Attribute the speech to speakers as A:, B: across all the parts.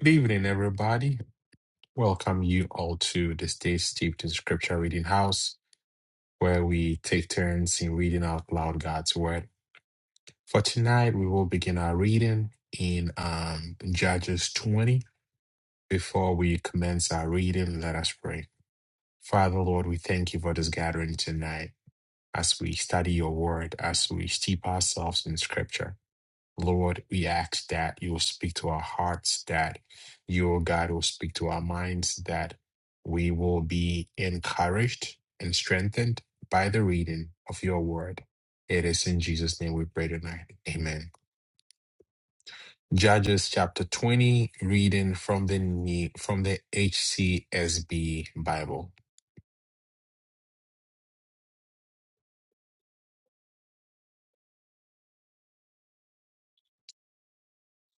A: Good evening, everybody. Welcome you all to the Stay Steeped in Scripture Reading House, where we take turns in reading out loud God's Word. For tonight, we will begin our reading in um, Judges 20. Before we commence our reading, let us pray. Father, Lord, we thank you for this gathering tonight as we study your Word, as we steep ourselves in Scripture. Lord, we ask that you will speak to our hearts, that you, O God, will speak to our minds, that we will be encouraged and strengthened by the reading of your word. It is in Jesus' name we pray tonight. Amen. Judges chapter 20, reading from the Ne- from the HCSB Bible.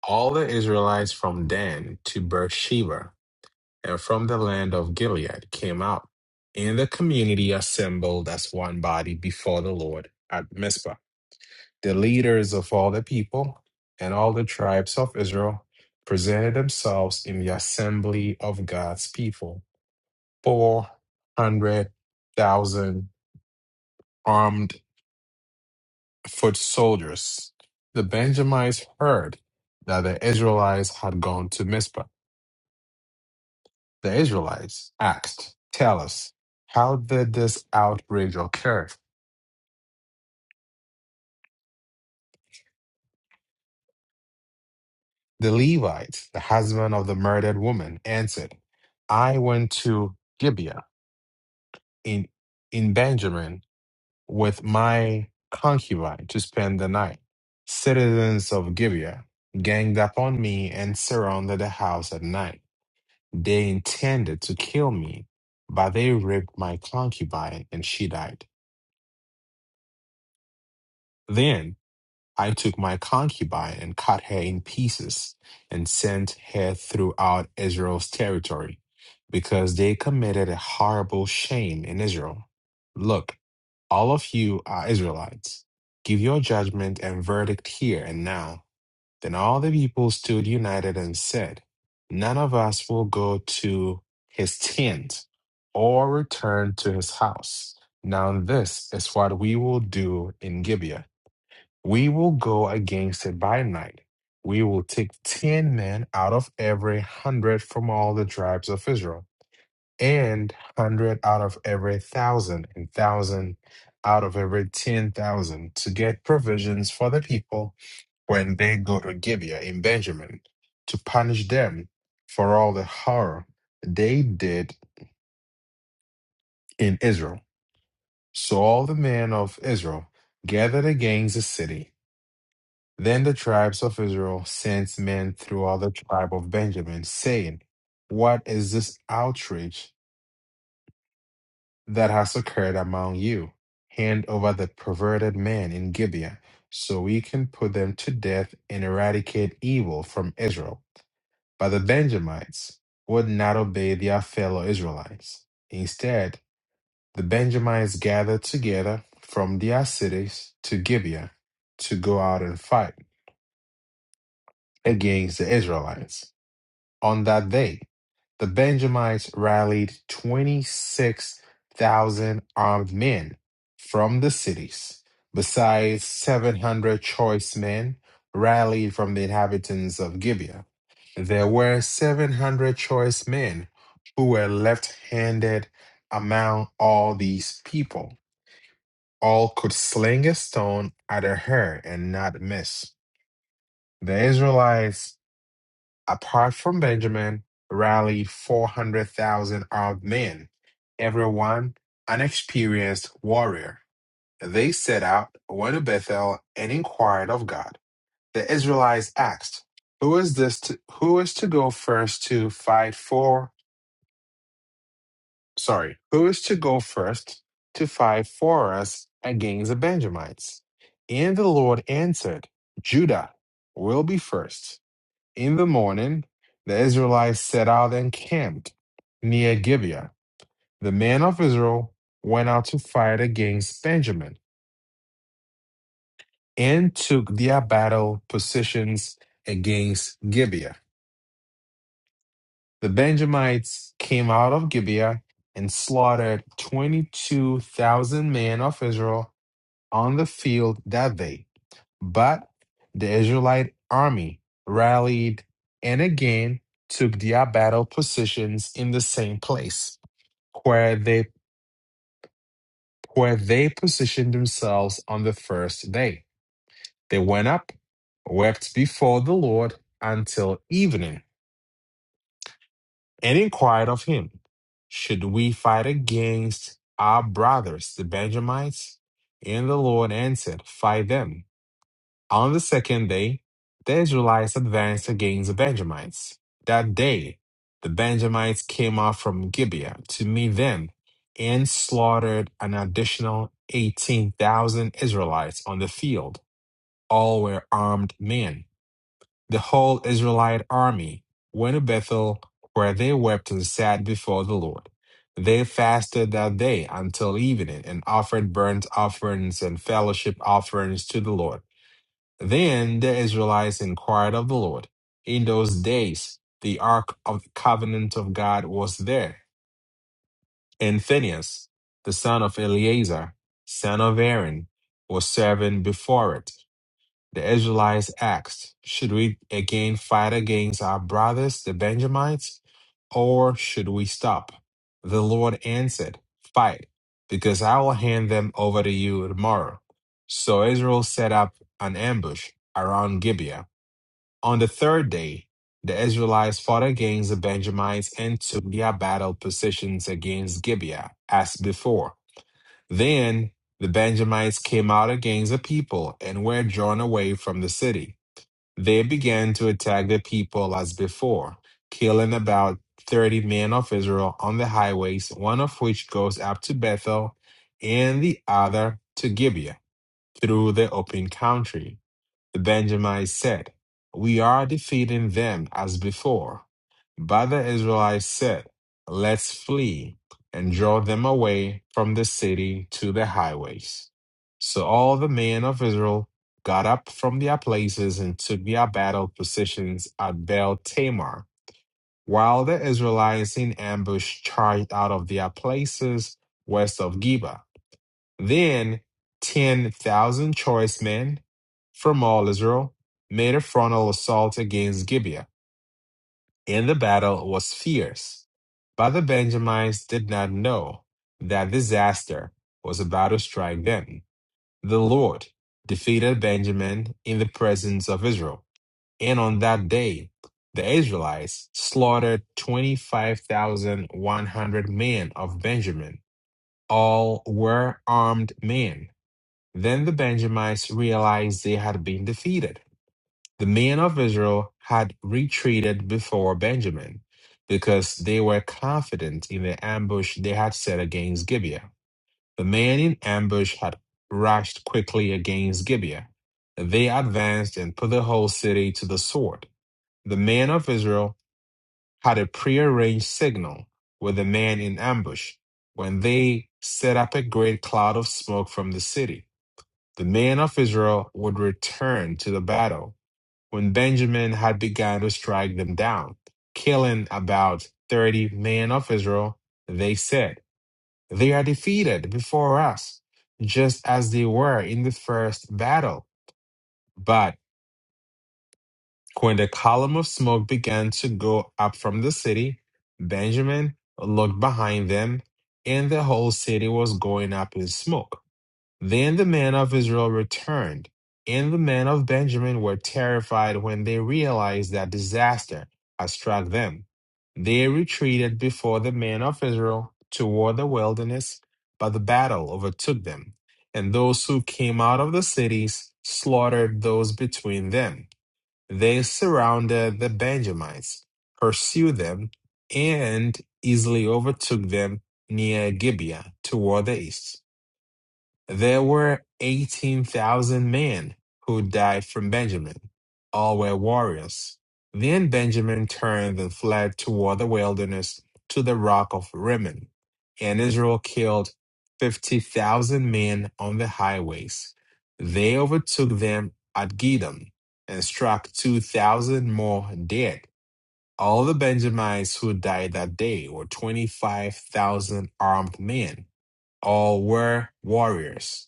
A: All the Israelites from Dan to Beersheba and from the land of Gilead came out, and the community assembled as one body before the Lord at Mizpah. The leaders of all the people and all the tribes of Israel presented themselves in the assembly of God's people, 400,000 armed foot soldiers. The Benjamites heard that the Israelites had gone to Mizpah The Israelites asked, Tell us, how did this outrage occur? The Levite, the husband of the murdered woman, answered, I went to Gibeah in, in Benjamin with my concubine to spend the night. Citizens of Gibeah ganged upon me and surrounded the house at night. They intended to kill me, but they raped my concubine and she died. Then I took my concubine and cut her in pieces and sent her throughout Israel's territory because they committed a horrible shame in Israel. Look, all of you are Israelites. Give your judgment and verdict here and now. Then all the people stood united and said, None of us will go to his tent or return to his house. Now, this is what we will do in Gibeah we will go against it by night. We will take ten men out of every hundred from all the tribes of Israel, and hundred out of every thousand, and thousand out of every ten thousand, to get provisions for the people when they go to Gibeah in Benjamin, to punish them for all the horror they did in Israel. So all the men of Israel gathered against the city Then the tribes of Israel sent men through all the tribe of Benjamin, saying, What is this outrage that has occurred among you? Hand over the perverted man in Gibeah, so we can put them to death and eradicate evil from Israel. But the Benjamites would not obey their fellow Israelites. Instead, the Benjamites gathered together from their cities to Gibeah to go out and fight against the Israelites. On that day, the Benjamites rallied 26,000 armed men from the cities, besides 700 choice men rallied from the inhabitants of Gibeah. There were 700 choice men who were left handed among all these people. All could sling a stone at a hare and not miss. The Israelites apart from Benjamin, rallied 400,000 armed men, everyone an experienced warrior. They set out, went to Bethel, and inquired of God. The Israelites asked, "Who is this? To, who is to go first to fight for? Sorry, who is to go first to fight for us against the Benjamites?" And the Lord answered, "Judah will be first, in the morning, the Israelites set out and camped near Gibeah. The men of Israel went out to fight against Benjamin and took their battle positions against Gibeah. The Benjamites came out of Gibeah and slaughtered 22,000 men of Israel on the field that day. But the Israelite army rallied and again took their battle positions in the same place where they where they positioned themselves on the first day. They went up, wept before the Lord until evening, and inquired of him, Should we fight against our brothers, the Benjamites? And the Lord answered, Fight them. On the second day, the Israelites advanced against the Benjamites. That day, the Benjamites came out from Gibeah to meet them and slaughtered an additional 18,000 Israelites on the field. All were armed men. The whole Israelite army went to Bethel, where they wept and sat before the Lord. They fasted that day until evening and offered burnt offerings and fellowship offerings to the Lord. Then the Israelites inquired of the Lord. In those days, the ark of the covenant of God was there, and Phinehas, the son of Eleazar, son of Aaron, was serving before it. The Israelites asked, Should we again fight against our brothers, the Benjamites, or should we stop? The Lord answered, Fight, because I will hand them over to you tomorrow. So Israel set up an ambush around Gibeah on the third day, the Israelites fought against the Benjamites and took their battle positions against Gibeah, as before. Then the Benjamites came out against the people and were drawn away from the city. They began to attack the people as before, killing about 30 men of Israel on the highways, one of which goes up to Bethel and the other to Gibeah through the open country. The Benjamites said, We are defeating them as before. But the Israelites said, Let's flee and draw them away from the city to the highways. So all the men of Israel got up from their places and took their battle positions at Baal Tamar, while the Israelites in ambush charged out of their places west of Geba. Then 10,000 choice men from all Israel made a frontal assault against Gibeah, and the battle was fierce. But the Benjamites did not know that disaster was about to strike them. The Lord defeated Benjamin in the presence of Israel, and on that day the Israelites slaughtered 25,100 men of Benjamin. All were armed men then the Benjamites realized they had been defeated. The men of Israel had retreated before Benjamin because they were confident in the ambush they had set against Gibeah. The men in ambush had rushed quickly against Gibeah. They advanced and put the whole city to the sword. The men of Israel had a prearranged signal with the men in ambush when they set up a great cloud of smoke from the city. The men of Israel would return to the battle when Benjamin had begun to strike them down, killing about 30 men of Israel. They said, They are defeated before us, just as they were in the first battle. But when the column of smoke began to go up from the city, Benjamin looked behind them, and the whole city was going up in smoke. Then the men of Israel returned, and the men of Benjamin were terrified when they realized that disaster had struck them. They retreated before the men of Israel toward the wilderness, but the battle overtook them, and those who came out of the cities slaughtered those between them. They surrounded the Benjamites, pursued them, and easily overtook them near Gibeah toward the east. There were 18,000 men who died from Benjamin. All were warriors. Then Benjamin turned and fled toward the wilderness to the rock of Rimmon. And Israel killed 50,000 men on the highways. They overtook them at Gidom and struck 2,000 more dead. All the Benjamites who died that day were 25,000 armed men. All were warriors.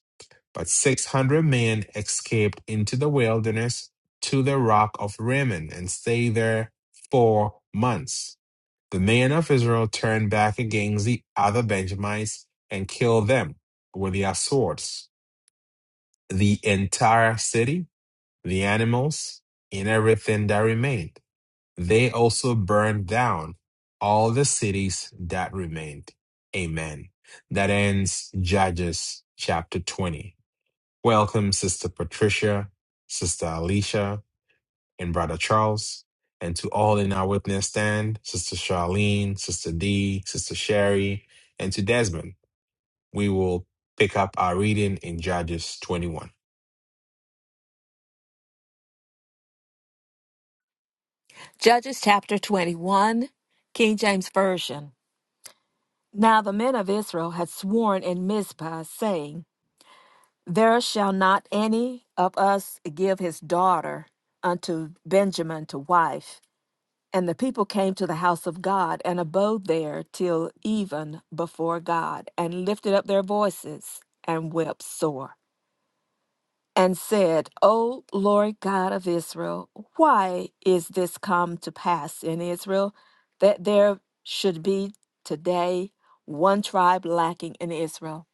A: But 600 men escaped into the wilderness to the rock of Rimmon and stayed there four months. The men of Israel turned back against the other Benjamites and killed them with their swords, the entire city, the animals, and everything that remained. They also burned down all the cities that remained. Amen. That ends Judges chapter 20. Welcome, Sister Patricia, Sister Alicia, and Brother Charles, and to all in our witness stand, Sister Charlene, Sister Dee, Sister Sherry, and to Desmond. We will pick up our reading in Judges 21.
B: Judges chapter 21, King James Version. Now the men of Israel had sworn in Mizpah, saying, There shall not any of us give his daughter unto Benjamin to wife. And the people came to the house of God and abode there till even before God, and lifted up their voices and wept sore. and said, O Lord God of Israel, why is this come to pass in Israel that there should be today one tribe lacking in Israel?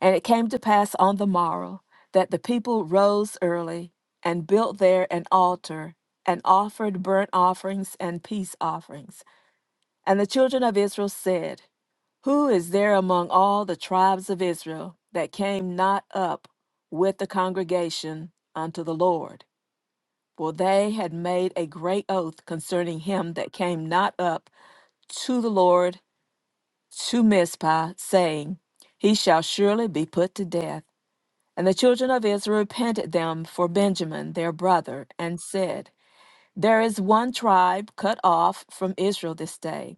B: And it came to pass on the morrow that the people rose early and built there an altar and offered burnt offerings and peace offerings. And the children of Israel said, Who is there among all the tribes of Israel that came not up with the congregation unto the Lord? For they had made a great oath concerning him that came not up to the Lord to Mizpah, saying, He shall surely be put to death. And the children of Israel repented them for Benjamin their brother, and said, There is one tribe cut off from Israel this day.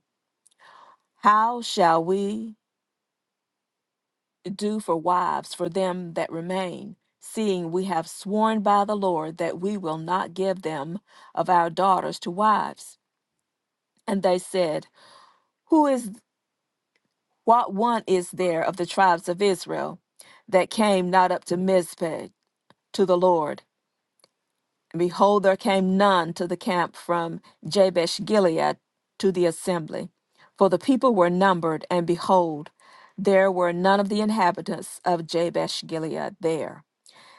B: How shall we? do for wives for them that remain, seeing we have sworn by the Lord that we will not give them of our daughters to wives? And they said, Who is what one is there of the tribes of Israel that came not up to Mizpeh to the Lord? And behold, there came none to the camp from Jabesh Gilead to the assembly. For the people were numbered, and behold, there were none of the inhabitants of Jabesh Gilead there.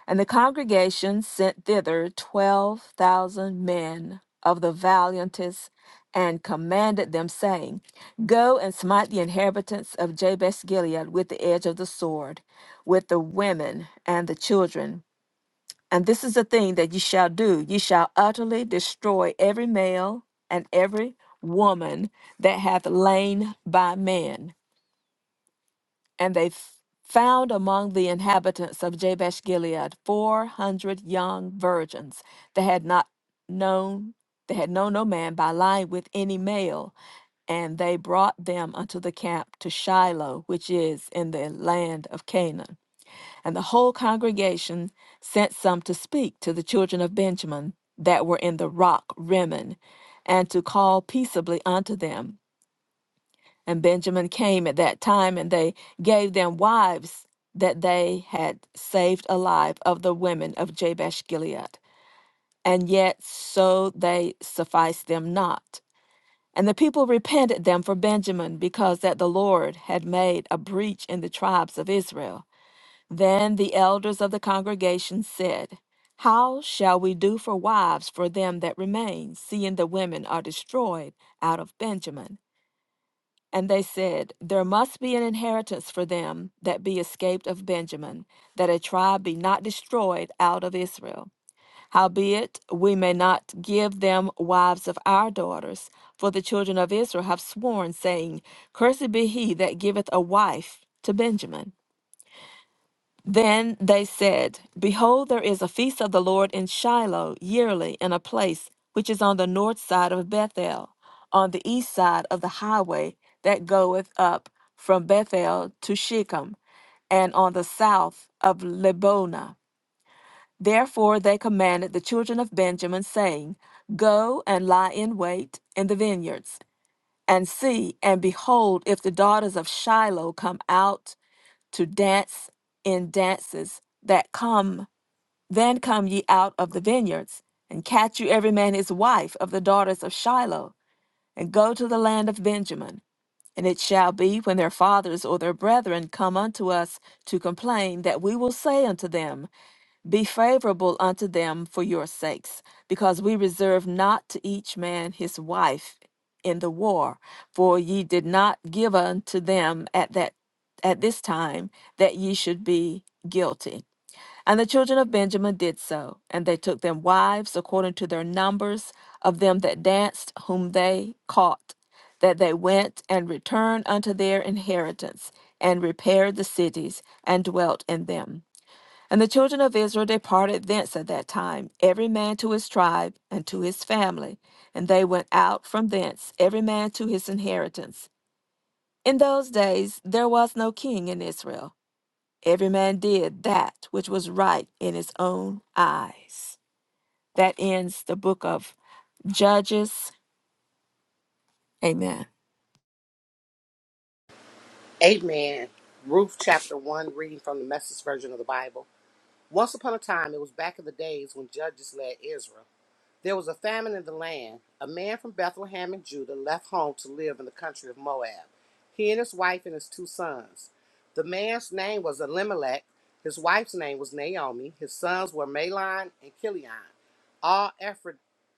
B: And the congregation sent thither twelve thousand men of the valiantest, and commanded them, saying, Go and smite the inhabitants of Jabesh Gilead with the edge of the sword, with the women and the children. And this is the thing that ye shall do ye shall utterly destroy every male and every woman that hath lain by man and they f- found among the inhabitants of Jabesh Gilead 400 young virgins that had not known, they had known no man by lying with any male. And they brought them unto the camp to Shiloh, which is in the land of Canaan. And the whole congregation sent some to speak to the children of Benjamin that were in the rock Rimmon, and to call peaceably unto them. And Benjamin came at that time, and they gave them wives that they had saved alive of the women of Jabesh Gilead. And yet so they sufficed them not. And the people repented them for Benjamin, because that the Lord had made a breach in the tribes of Israel. Then the elders of the congregation said, How shall we do for wives for them that remain, seeing the women are destroyed out of Benjamin? And they said, There must be an inheritance for them that be escaped of Benjamin, that a tribe be not destroyed out of Israel. Howbeit, we may not give them wives of our daughters, for the children of Israel have sworn, saying, Cursed be he that giveth a wife to Benjamin. Then they said, Behold, there is a feast of the Lord in Shiloh yearly in a place which is on the north side of Bethel, on the east side of the highway that goeth up from Bethel to Shechem, and on the south of Lebonah." Therefore they commanded the children of Benjamin, saying, Go and lie in wait in the vineyards, and see, and behold, if the daughters of Shiloh come out to dance in dances that come then come ye out of the vineyards and catch you every man his wife of the daughters of shiloh and go to the land of benjamin and it shall be when their fathers or their brethren come unto us to complain that we will say unto them be favorable unto them for your sakes, because we reserve not to each man his wife in the war, for ye did not give unto them at that at this time that ye should be guilty. And the children of Benjamin did so, and they took them wives according to their numbers of them that danced, whom they caught, that they went and returned unto their inheritance, and repaired the cities, and dwelt in them. And the children of Israel departed thence at that time, every man to his tribe and to his family. And they went out from thence, every man to his inheritance. In those days there was no king in Israel. Every man did that which was right in his own eyes. That ends the book of Judges. Amen.
C: Amen. Ruth chapter 1, reading from the message version of the Bible. Once upon a time, it was back in the days when judges led Israel. There was a famine in the land. A man from Bethlehem in Judah left home to live in the country of Moab, he and his wife and his two sons. The man's name was Elimelech, his wife's name was Naomi, his sons were Mahlon and Chilion, all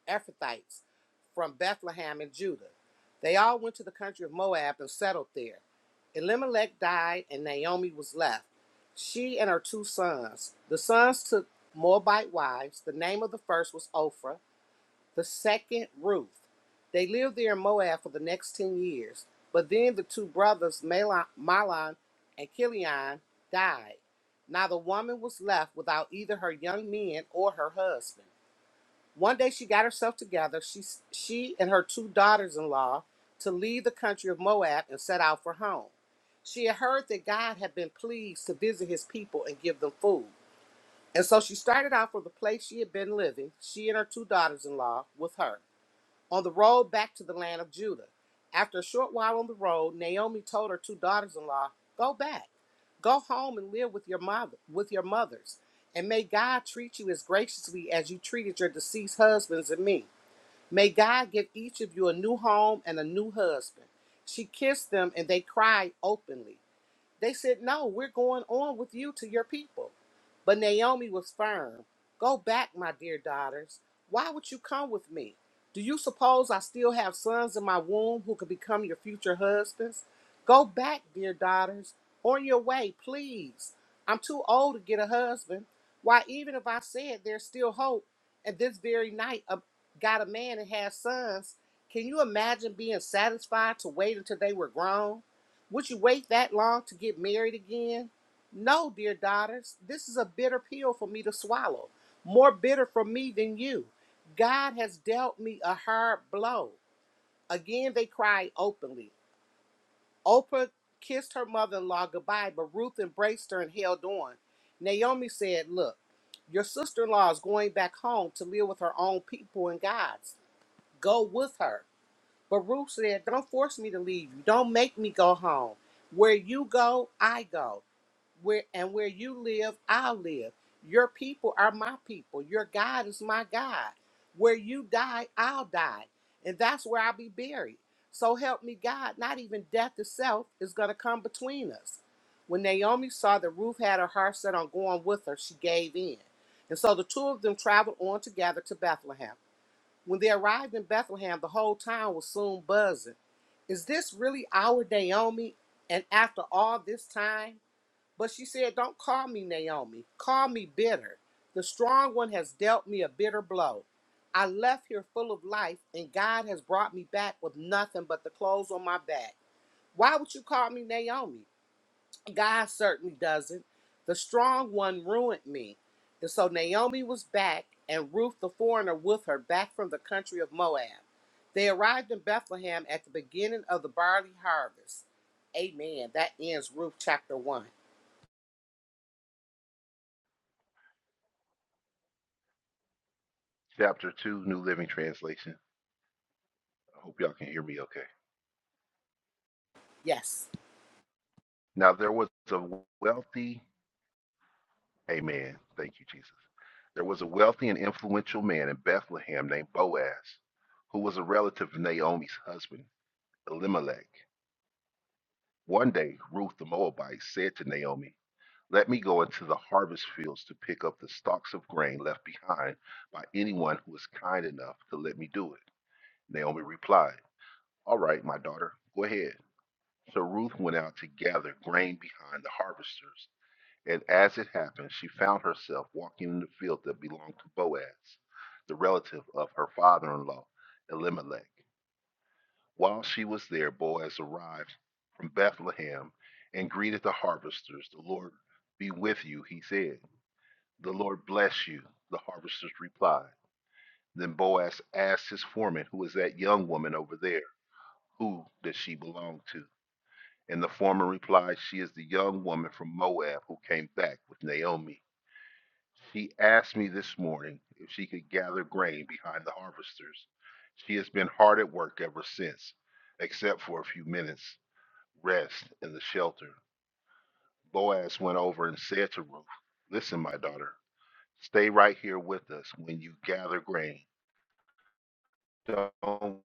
C: Ephrathites from Bethlehem in Judah. They all went to the country of Moab and settled there. Elimelech died, and Naomi was left, she and her two sons. The sons took Moabite wives. The name of the first was Ophrah the second, Ruth. They lived there in Moab for the next 10 years, but then the two brothers, Malon, and Kilian, died. Now the woman was left without either her young men or her husband. One day she got herself together, she, she and her two daughters in law, to leave the country of Moab and set out for home. She had heard that God had been pleased to visit his people and give them food. And so she started out for the place she had been living, she and her two daughters in law, with her on the road back to the land of Judah. After a short while on the road, Naomi told her two daughters-in-law, "Go back. Go home and live with your mother, with your mothers, and may God treat you as graciously as you treated your deceased husbands and me. May God give each of you a new home and a new husband." She kissed them and they cried openly. They said, No, we're going on with you to your people. But Naomi was firm. Go back, my dear daughters. Why would you come with me? Do you suppose I still have sons in my womb who could become your future husbands? Go back, dear daughters. On your way, please. I'm too old to get a husband. Why, even if I said there's still hope, and this very night uh, got a man and has sons, can you imagine being satisfied to wait until they were grown? Would you wait that long to get married again? No, dear daughters, this is a bitter pill for me to swallow, more bitter for me than you. God has dealt me a hard blow. Again, they cried openly. Oprah kissed her mother in law goodbye, but Ruth embraced her and held on. Naomi said, Look, your sister in law is going back home to live with her own people and God's. Go with her. But Ruth said, Don't force me to leave you. Don't make me go home. Where you go, I go. Where and where you live, I'll live. Your people are my people. Your God is my God. Where you die, I'll die. And that's where I'll be buried. So help me God, not even death itself is gonna come between us. When Naomi saw that Ruth had her heart set on going with her, she gave in. And so the two of them traveled on together to Bethlehem. When they arrived in Bethlehem, the whole town was soon buzzing. Is this really our Naomi? And after all this time? But she said, Don't call me Naomi. Call me bitter. The strong one has dealt me a bitter blow. I left here full of life, and God has brought me back with nothing but the clothes on my back. Why would you call me Naomi? God certainly doesn't. The strong one ruined me. And so Naomi was back, and Ruth the foreigner with her back from the country of Moab. They arrived in Bethlehem at the beginning of the barley harvest. Amen. That ends Ruth chapter 1.
D: chapter 2, New Living Translation. I hope y'all can hear me okay.
C: Yes.
D: Now, there was a wealthy, amen. Thank you, Jesus. There was a wealthy and influential man in Bethlehem named Boaz, who was a relative of Naomi's husband, Elimelech. One day, Ruth the Moabite said to Naomi, Let me go into the harvest fields to pick up the stalks of grain left behind by anyone who is kind enough to let me do it. Naomi replied, All right, my daughter, go ahead. So Ruth went out to gather grain behind the harvesters. And as it happened, she found herself walking in the field that belonged to Boaz, the relative of her father in law, Elimelech. While she was there, Boaz arrived from Bethlehem and greeted the harvesters. The Lord be with you, he said. The Lord bless you, the harvesters replied. Then Boaz asked his foreman, Who is that young woman over there? Who does she belong to? And the former replied, She is the young woman from Moab who came back with Naomi. She asked me this morning if she could gather grain behind the harvesters. She has been hard at work ever since, except for a few minutes rest in the shelter. Boaz went over and said to Ruth, Listen, my daughter, stay right here with us when you gather grain. Don't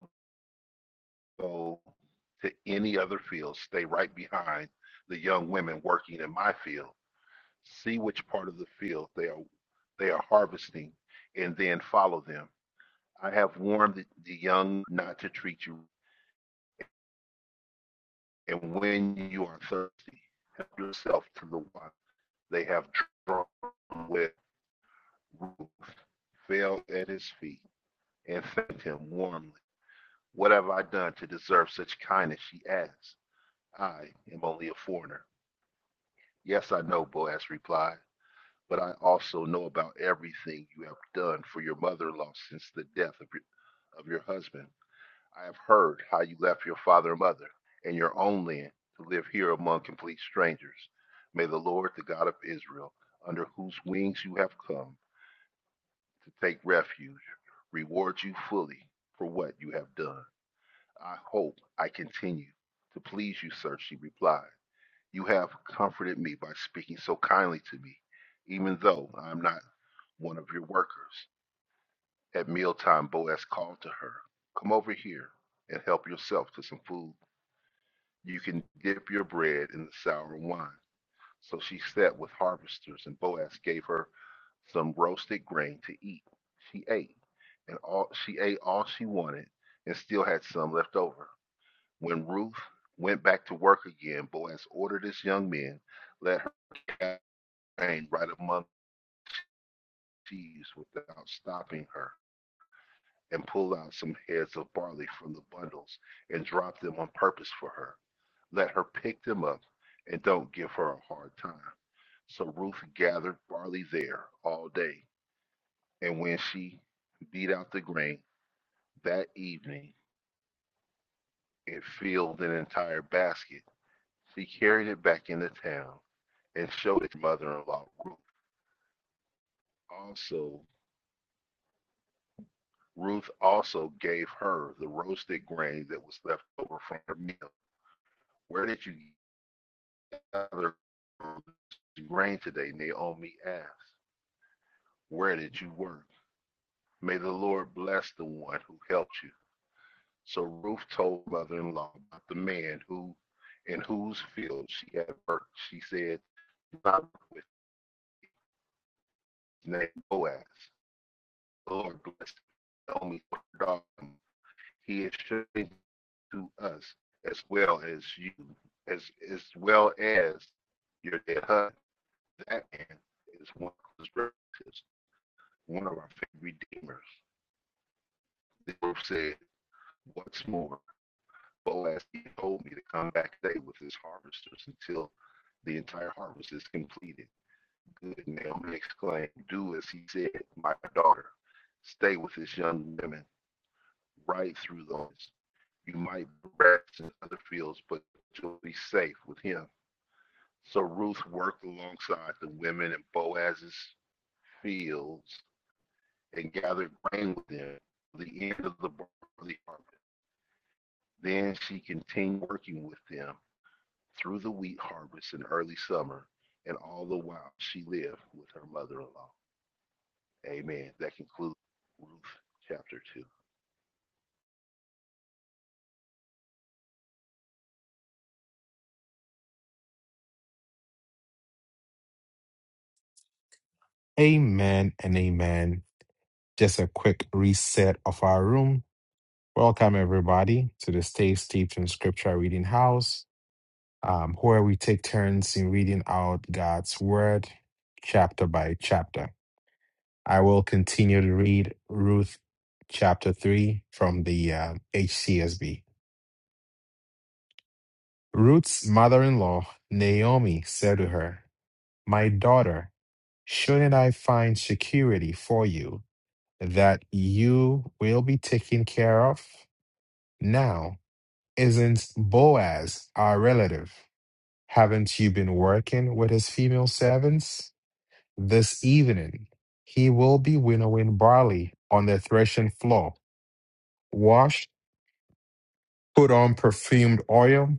D: go to any other field. Stay right behind the young women working in my field see which part of the field they are they are harvesting and then follow them i have warned the the young not to treat you and when you are thirsty yourself to the water they have drawn with fell at his feet and thanked him warmly what have i done to deserve such kindness she asked i am only a foreigner yes i know boaz replied but I also know about everything you have done for your mother-in-law since the death of your, of your husband. I have heard how you left your father and mother and your own land to live here among complete strangers. May the Lord, the God of Israel, under whose wings you have come to take refuge, reward you fully for what you have done. I hope I continue to please you, sir, she replied. You have comforted me by speaking so kindly to me, even though I am not one of your workers. At mealtime, Boaz called to her, Come over here and help yourself to some food. You can dip your bread in the sour wine. So she sat with harvesters, and Boaz gave her some roasted grain to eat. She ate, and all she ate all she wanted, and still had some left over. When Ruth went back to work again, Boaz ordered his young men, let her train right among the sheaves without stopping her, and pulled out some heads of barley from the bundles and dropped them on purpose for her. Let her pick them up and don't give her a hard time. So Ruth gathered barley there all day, and when she beat out the grain that evening, it filled an entire basket. She carried it back into town and showed it to mother-in-law Ruth. Also, Ruth also gave her the roasted grain that was left over from her meal. Where did you gather grain today? Naomi asked. Where did you work? May the Lord bless the one who helped you. So Ruth told mother in law about the man who in whose field she had worked. She said, "Do not work with his name Boaz. The Lord bless him." Naomi, told her daughter, He is showing to us as well as you, as as well as your dead husband. That man is one of his relatives, one of our favorite redeemers. They both said, What's more, Boaz he told me to come back today with his harvesters until the entire harvest is completed. Good Naomi exclaimed, Do as he said, my daughter. Stay with this young women right through the harvest. You might rest in other fields, but you'll be safe with him. So Ruth worked alongside the women in Boaz's fields and gathered grain with them to the end of the barley harvest. Then she continued working with them through the wheat harvest in early summer, and all the while she lived with her mother-in-law. Amen. That concludes Ruth chapter two.
A: Amen and amen. Just a quick reset of our room. Welcome, everybody, to the Stay Steeped in Scripture Reading House, um, where we take turns in reading out God's Word chapter by chapter. I will continue to read Ruth chapter 3 from the um, HCSB. Ruth's mother in law, Naomi, said to her, My daughter, shouldn't I find security for you that you will be taken care of? Now, isn't Boaz our relative? Haven't you been working with his female servants? This evening, he will be winnowing barley on the threshing floor. Wash." put on perfumed oil,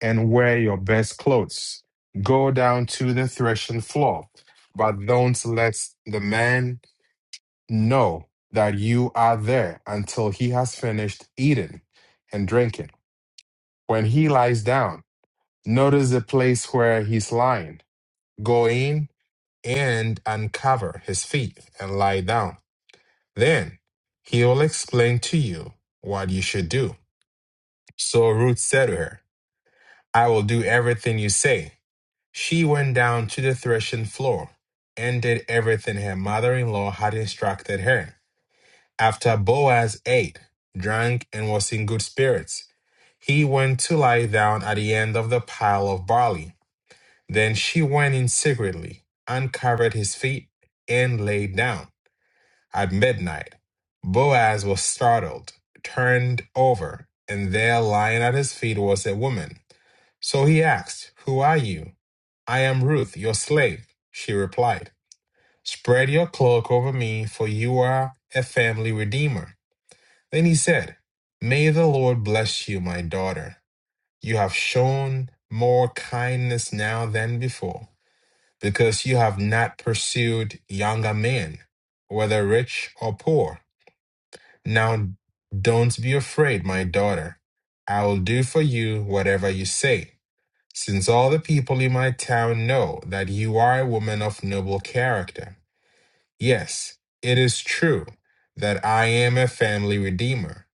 A: and wear your best clothes. Go down to the threshing floor, but don't let the man know that you are there until he has finished eating and drinking. When he lies down, notice the place where he's lying. Go in and uncover his feet and lie down. Then he will explain to you what you should do. So Ruth said to her, I will do everything you say She went down to the threshing floor and did everything her mother in law had instructed her. After Boaz ate, drank, and was in good spirits, he went to lie down at the end of the pile of barley. Then she went in secretly, uncovered his feet, and laid down. At midnight, Boaz was startled, turned over, and there lying at his feet was a woman. So he asked, Who are you? I am Ruth, your slave. She replied, Spread your cloak over me, for you are a family redeemer. Then he said, May the Lord bless you, my daughter. You have shown more kindness now than before, because you have not pursued younger men, whether rich or poor. Now don't be afraid, my daughter. I will do for you whatever you say since all the people in my town know that you are a woman of noble character. Yes, it is true that I am a family redeemer,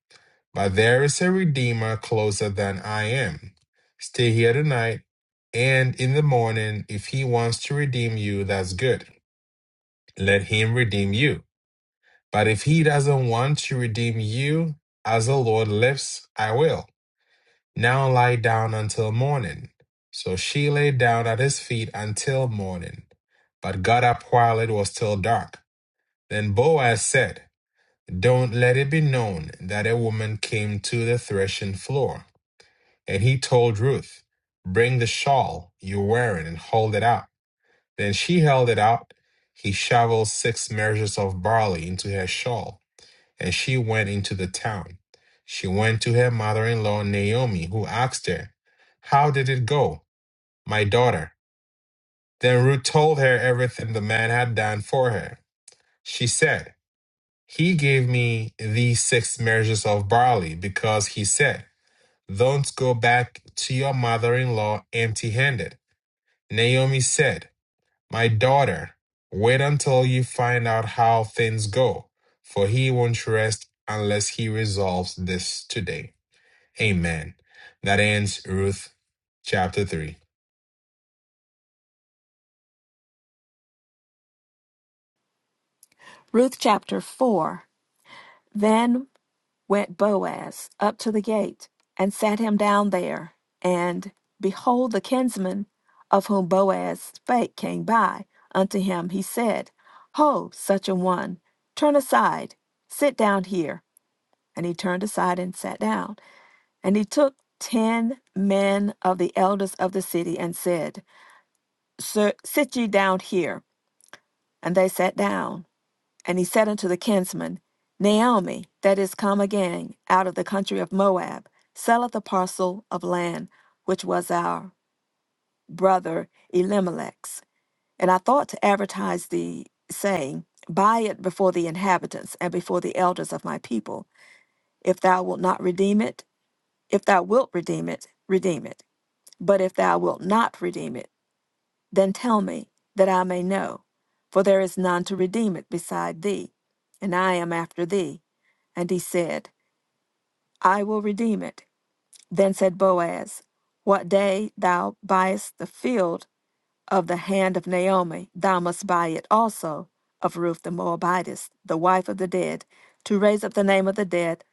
A: but there is a redeemer closer than I am. Stay here tonight, and in the morning, if he wants to redeem you, that's good. Let him redeem you. But if he doesn't want to redeem you, as the Lord lives, I will. Now lie down until morning. So she lay down at his feet until morning, but got up while it was still dark. Then Boaz said, Don't let it be known that a woman came to the threshing floor. And he told Ruth, Bring the shawl you're wearing and hold it out. Then she held it out. He shoveled six measures of barley into her shawl and she went into the town. She went to her mother in law, Naomi, who asked her, How did it go, my daughter? Then Ruth told her everything the man had done for her. She said, He gave me these six measures of barley because he said, not go back to your mother in law empty handed. Naomi said, My daughter, wait until you find out how things go, for he won't rest unless he resolves this today. Amen. That ends Ruth chapter 3.
B: Ruth chapter 4. Then went Boaz up to the gate and sat him down there. And behold, the kinsman of whom Boaz spake came by unto him. He said, Ho, such a one, turn aside, sit down here. And he turned aside and sat down. And he took ten men of the elders of the city and said, Sit ye down here. And they sat down. And he said unto the kinsman, Naomi, that is come again out of the country of Moab, selleth a parcel of land which was our brother Elimelech's. And I thought to advertise thee, saying, Buy it before the inhabitants and before the elders of my people. If thou wilt not redeem it, if thou wilt redeem it, redeem it. But if thou wilt not redeem it, then tell me, that I may know. For there is none to redeem it beside thee, and I am after thee. And he said, I will redeem it. Then said Boaz, What day thou buyest the field of the hand of Naomi, thou must buy it also of Ruth the Moabitess, the wife of the dead, to raise up the name of the dead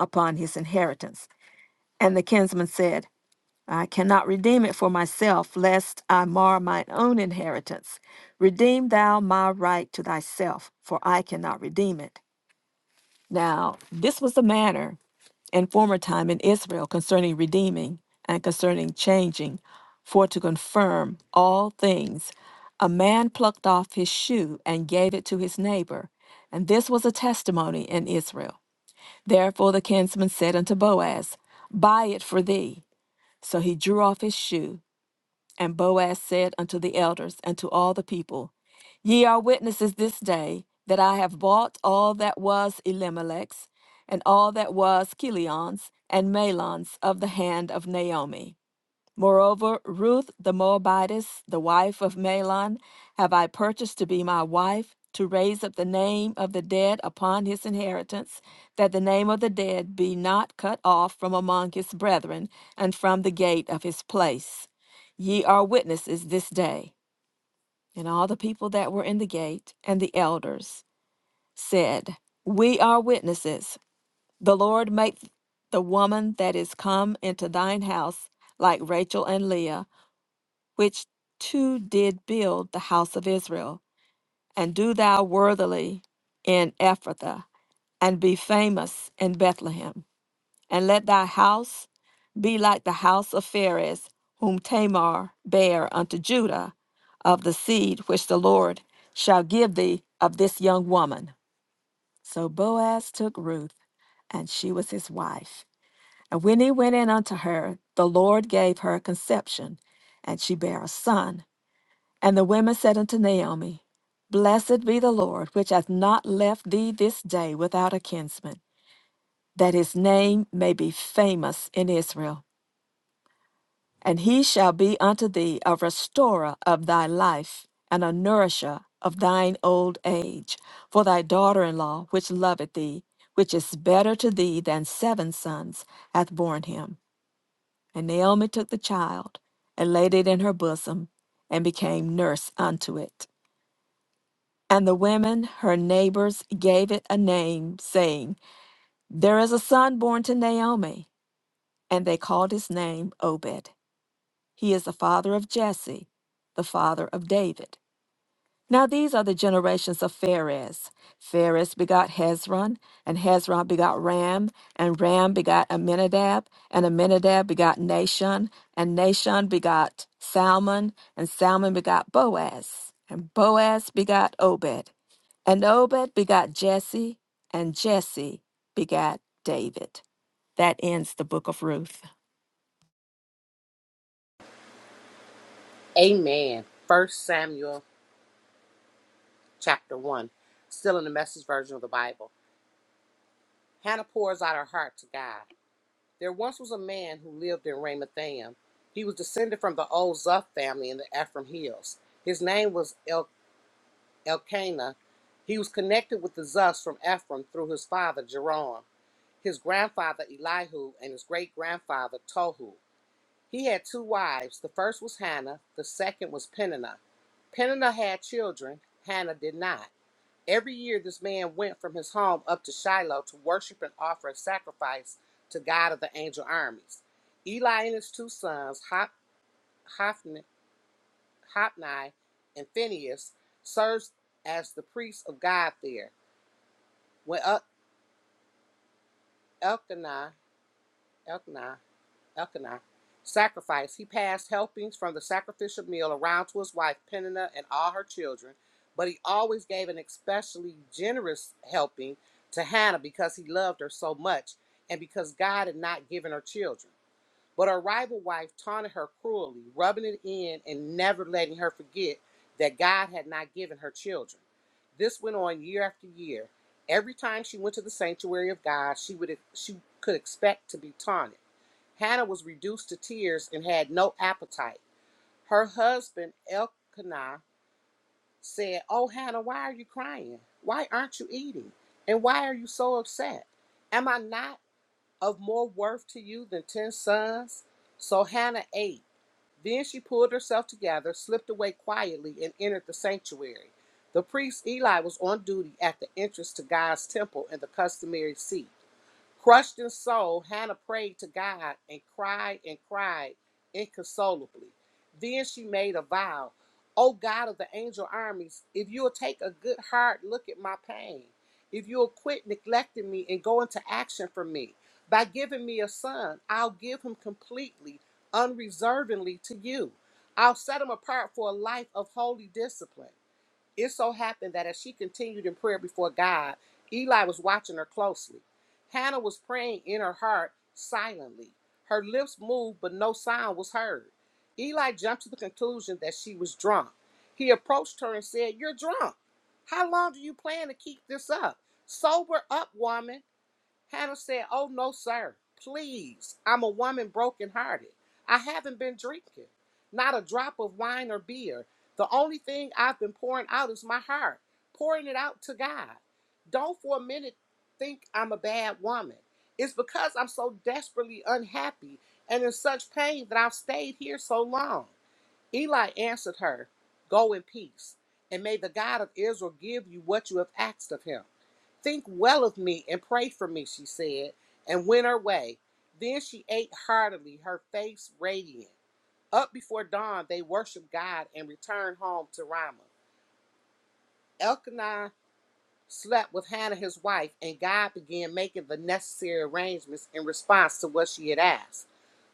B: upon his inheritance. And the kinsman said, I cannot redeem it for myself, lest I mar mine own inheritance. Redeem thou my right to thyself, for I cannot redeem it. Now, this was the manner in former time in Israel concerning redeeming and concerning changing, for to confirm all things. A man plucked off his shoe and gave it to his neighbor, and this was a testimony in Israel. Therefore the kinsman said unto Boaz, Buy it for thee. So he drew off his shoe and Boaz said unto the elders and to all the people, Ye are witnesses this day that I have bought all that was Elimelech's, and all that was Kilion's and Mahlon's of the hand of Naomi. Moreover, Ruth the Moabitess, the wife of Mahlon, have I purchased to be my wife, to raise up the name of the dead upon his inheritance, that the name of the dead be not cut off from among his brethren and from the gate of his place. Ye are witnesses this day. And all the people that were in the gate and the elders said, We are witnesses. The Lord make the woman that is come into thine house like Rachel and Leah which two did build the house of Israel, and do thou worthily in Ephrathah, and be famous in Bethlehem, and let thy house be like the house of Pharez, whom Tamar bare unto Judah, of the seed which the Lord shall give thee of this young woman. So Boaz took Ruth, and she was his wife. And when he went in unto her, the Lord gave her conception, and she bare a son. And the women said unto Naomi, Blessed be the Lord, which hath not left thee this day without a kinsman, that his name may be famous in Israel. And he shall be unto thee a restorer of thy life, and a nourisher of thine old age. For thy daughter in law, which loveth thee, which is better to thee than seven sons, hath borne him. And Naomi took the child, and laid it in her bosom, and became nurse unto it. And the women, her neighbors, gave it a name, saying, There is a son born to Naomi. And they called his name Obed. He is the father of Jesse, the father of David. Now these are the generations of Phares. Phares begot Hezron, and Hezron begot Ram, and Ram begot Aminadab, and Aminadab begot Nahshon, and Nahshon begot Salmon, and Salmon begot Boaz, and Boaz begot Obed, and Obed begot Jesse, and Jesse begot David. That ends the book of Ruth.
C: Amen. First Samuel chapter 1. Still in the message version of the Bible. Hannah pours out her heart to God. There once was a man who lived in Ramathaim. He was descended from the old Zuth family in the Ephraim Hills. His name was El- Elkanah. He was connected with the Zuths from Ephraim through his father Jerome, his grandfather Elihu, and his great grandfather Tohu. He had two wives. The first was Hannah, the second was Peninnah. Peninnah had children, Hannah did not. Every year, this man went from his home up to Shiloh to worship and offer a sacrifice to God of the angel armies. Eli and his two sons, Hop, Hophni, Hophni and Phineas, served as the priests of God there. When El- Elkanah, Elkanah Elkanah, sacrifice. He passed helpings from the sacrificial meal around to his wife Peninnah and all her children, but he always gave an especially generous helping to Hannah because he loved her so much and because God had not given her children. But her rival wife taunted her cruelly, rubbing it in and never letting her forget that God had not given her children. This went on year after year. Every time she went to the sanctuary of God, she would she could expect to be taunted. Hannah was reduced to tears and had no appetite. Her husband, Elkanah, said, Oh, Hannah, why are you crying? Why aren't you eating? And why are you so upset? Am I not of more worth to you than ten sons? So Hannah ate. Then she pulled herself together, slipped away quietly, and entered the sanctuary. The priest Eli was on duty at the entrance to God's temple in the customary seat. Crushed in soul, Hannah prayed to God and cried and cried inconsolably. Then she made a vow O God of the angel armies, if you'll take a good hard look at my pain, if you'll quit neglecting me and go into action for me, by giving me a son, I'll give him completely, unreservedly to you. I'll set him apart for a life of holy discipline. It so happened that as she continued in prayer before God, Eli was watching her closely. Hannah was praying in her heart silently. Her lips moved, but no sound was heard. Eli jumped to the conclusion that she was drunk. He approached her and said, You're drunk. How long do you plan to keep this up? Sober up, woman. Hannah said, Oh, no, sir. Please, I'm a woman brokenhearted. I haven't been drinking, not a drop of wine or beer. The only thing I've been pouring out is my heart, pouring it out to God. Don't for a minute think I'm a bad woman. It's because I'm so desperately unhappy and in such pain that I've stayed here so long. Eli answered her, Go in peace, and may the God of Israel give you what you have asked of him. Think well of me and pray for me, she said, and went her way. Then she ate heartily, her face radiant. Up before dawn, they worshiped God and returned home to Ramah. Elkanah slept with Hannah, his wife, and God began making the necessary arrangements in response to what she had asked.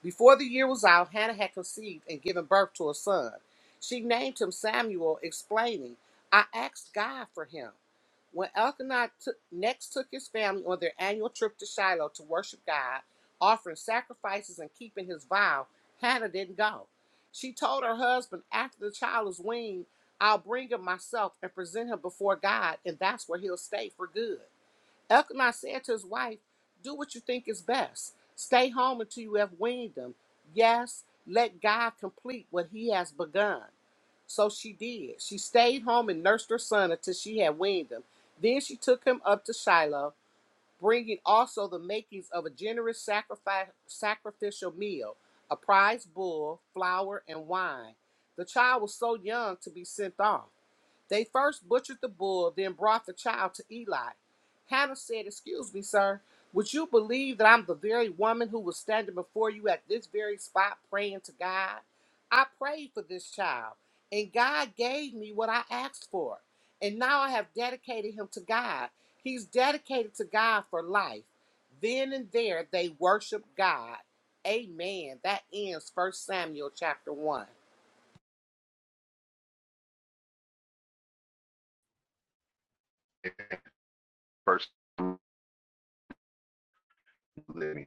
C: Before the year was out, Hannah had conceived and given birth to a son. She named him Samuel, explaining, I asked God for him. When Elkanah took, next took his family on their annual trip to Shiloh to worship God, offering sacrifices and keeping his vow, Hannah didn't go. She told her husband after the child is weaned, I'll bring him myself and present him before God, and that's where he'll stay for good. Elkanah said to his wife, Do what you think is best. Stay home until you have weaned him. Yes, let God complete what he has begun. So she did. She stayed home and nursed her son until she had weaned him. Then she took him up to Shiloh, bringing also the makings of a generous sacrifice, sacrificial meal, a prize bull, flour, and wine. The child was so young to be sent off. They first butchered the bull, then brought the child to Eli. Hannah said, Excuse me, sir, would you believe that I'm the very woman who was standing before you at this very spot praying to God? I prayed for this child, and God gave me what I asked for. And now I have dedicated him to God. He's dedicated to God for life. Then and there they worshipped God. Amen. That ends First Samuel chapter 1.
D: First, then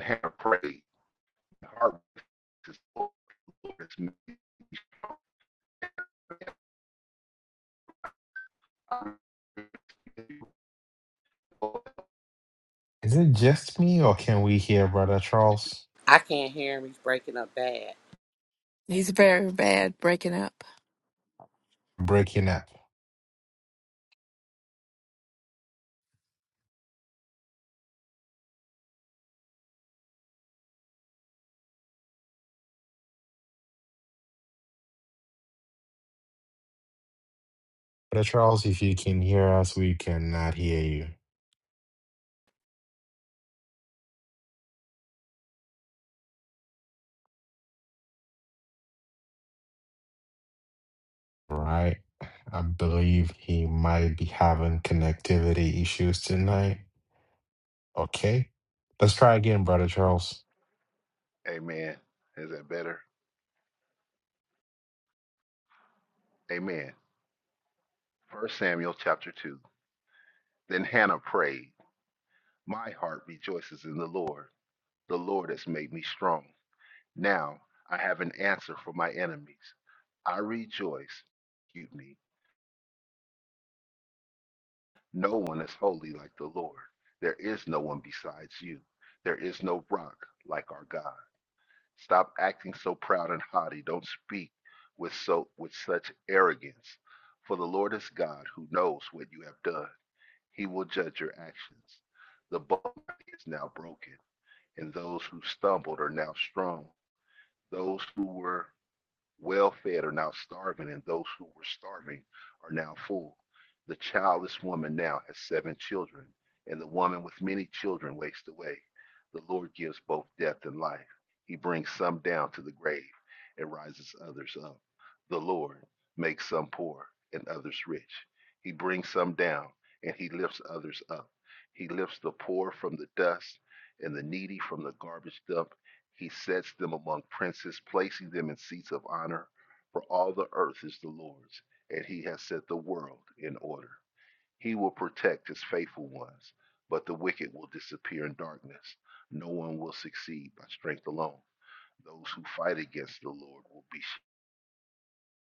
D: Hannah prayed. Her heart was
A: Is it just me, or can we hear Brother Charles
C: I can't hear him. He's breaking up bad.
B: He's very bad breaking up.
A: breaking up? Brother Charles, if you can hear us, we cannot hear you, right? I believe he might be having connectivity issues tonight. Okay, let's try again, Brother Charles.
D: Amen. Is that better? Amen. First Samuel chapter 2. Then Hannah prayed, My heart rejoices in the Lord. The Lord has made me strong. Now I have an answer for my enemies. I rejoice. Keep me. No one is holy like the Lord. There is no one besides you. There is no rock like our God. Stop acting so proud and haughty. Don't speak with so with such arrogance. For the Lord is God who knows what you have done. He will judge your actions. The bow is now broken, and those who stumbled are now strong. Those who were well-fed are now starving, and those who were starving are now full. The childless woman now has seven children, and the woman with many children wastes away. The Lord gives both death and life. He brings some down to the grave and rises others up. The Lord makes some poor and others rich. He brings some down and he lifts others up. He lifts the poor from the dust and the needy from the garbage dump he sets them among princes, placing them in seats of honor. For all the earth is the Lord's, and he has set the world in order. He will protect his faithful ones, but the wicked will disappear in darkness. No one will succeed by strength alone. Those who fight against the Lord will be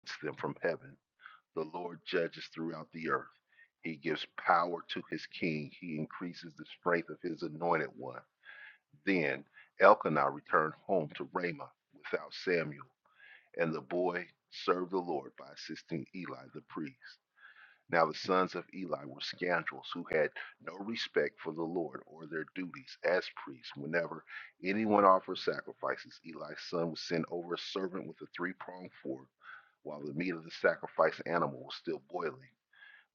D: against them from heaven. The Lord judges throughout the earth. He gives power to his king. He increases the strength of his anointed one. Then Elkanah returned home to Ramah without Samuel And the boy served the Lord by assisting Eli the priest. Now the sons of Eli were scoundrels who had no respect for the Lord or their duties as priests. Whenever anyone offered sacrifices, Eli's son would send over a servant with a three pronged fork while the meat of the sacrificed animal was still boiling.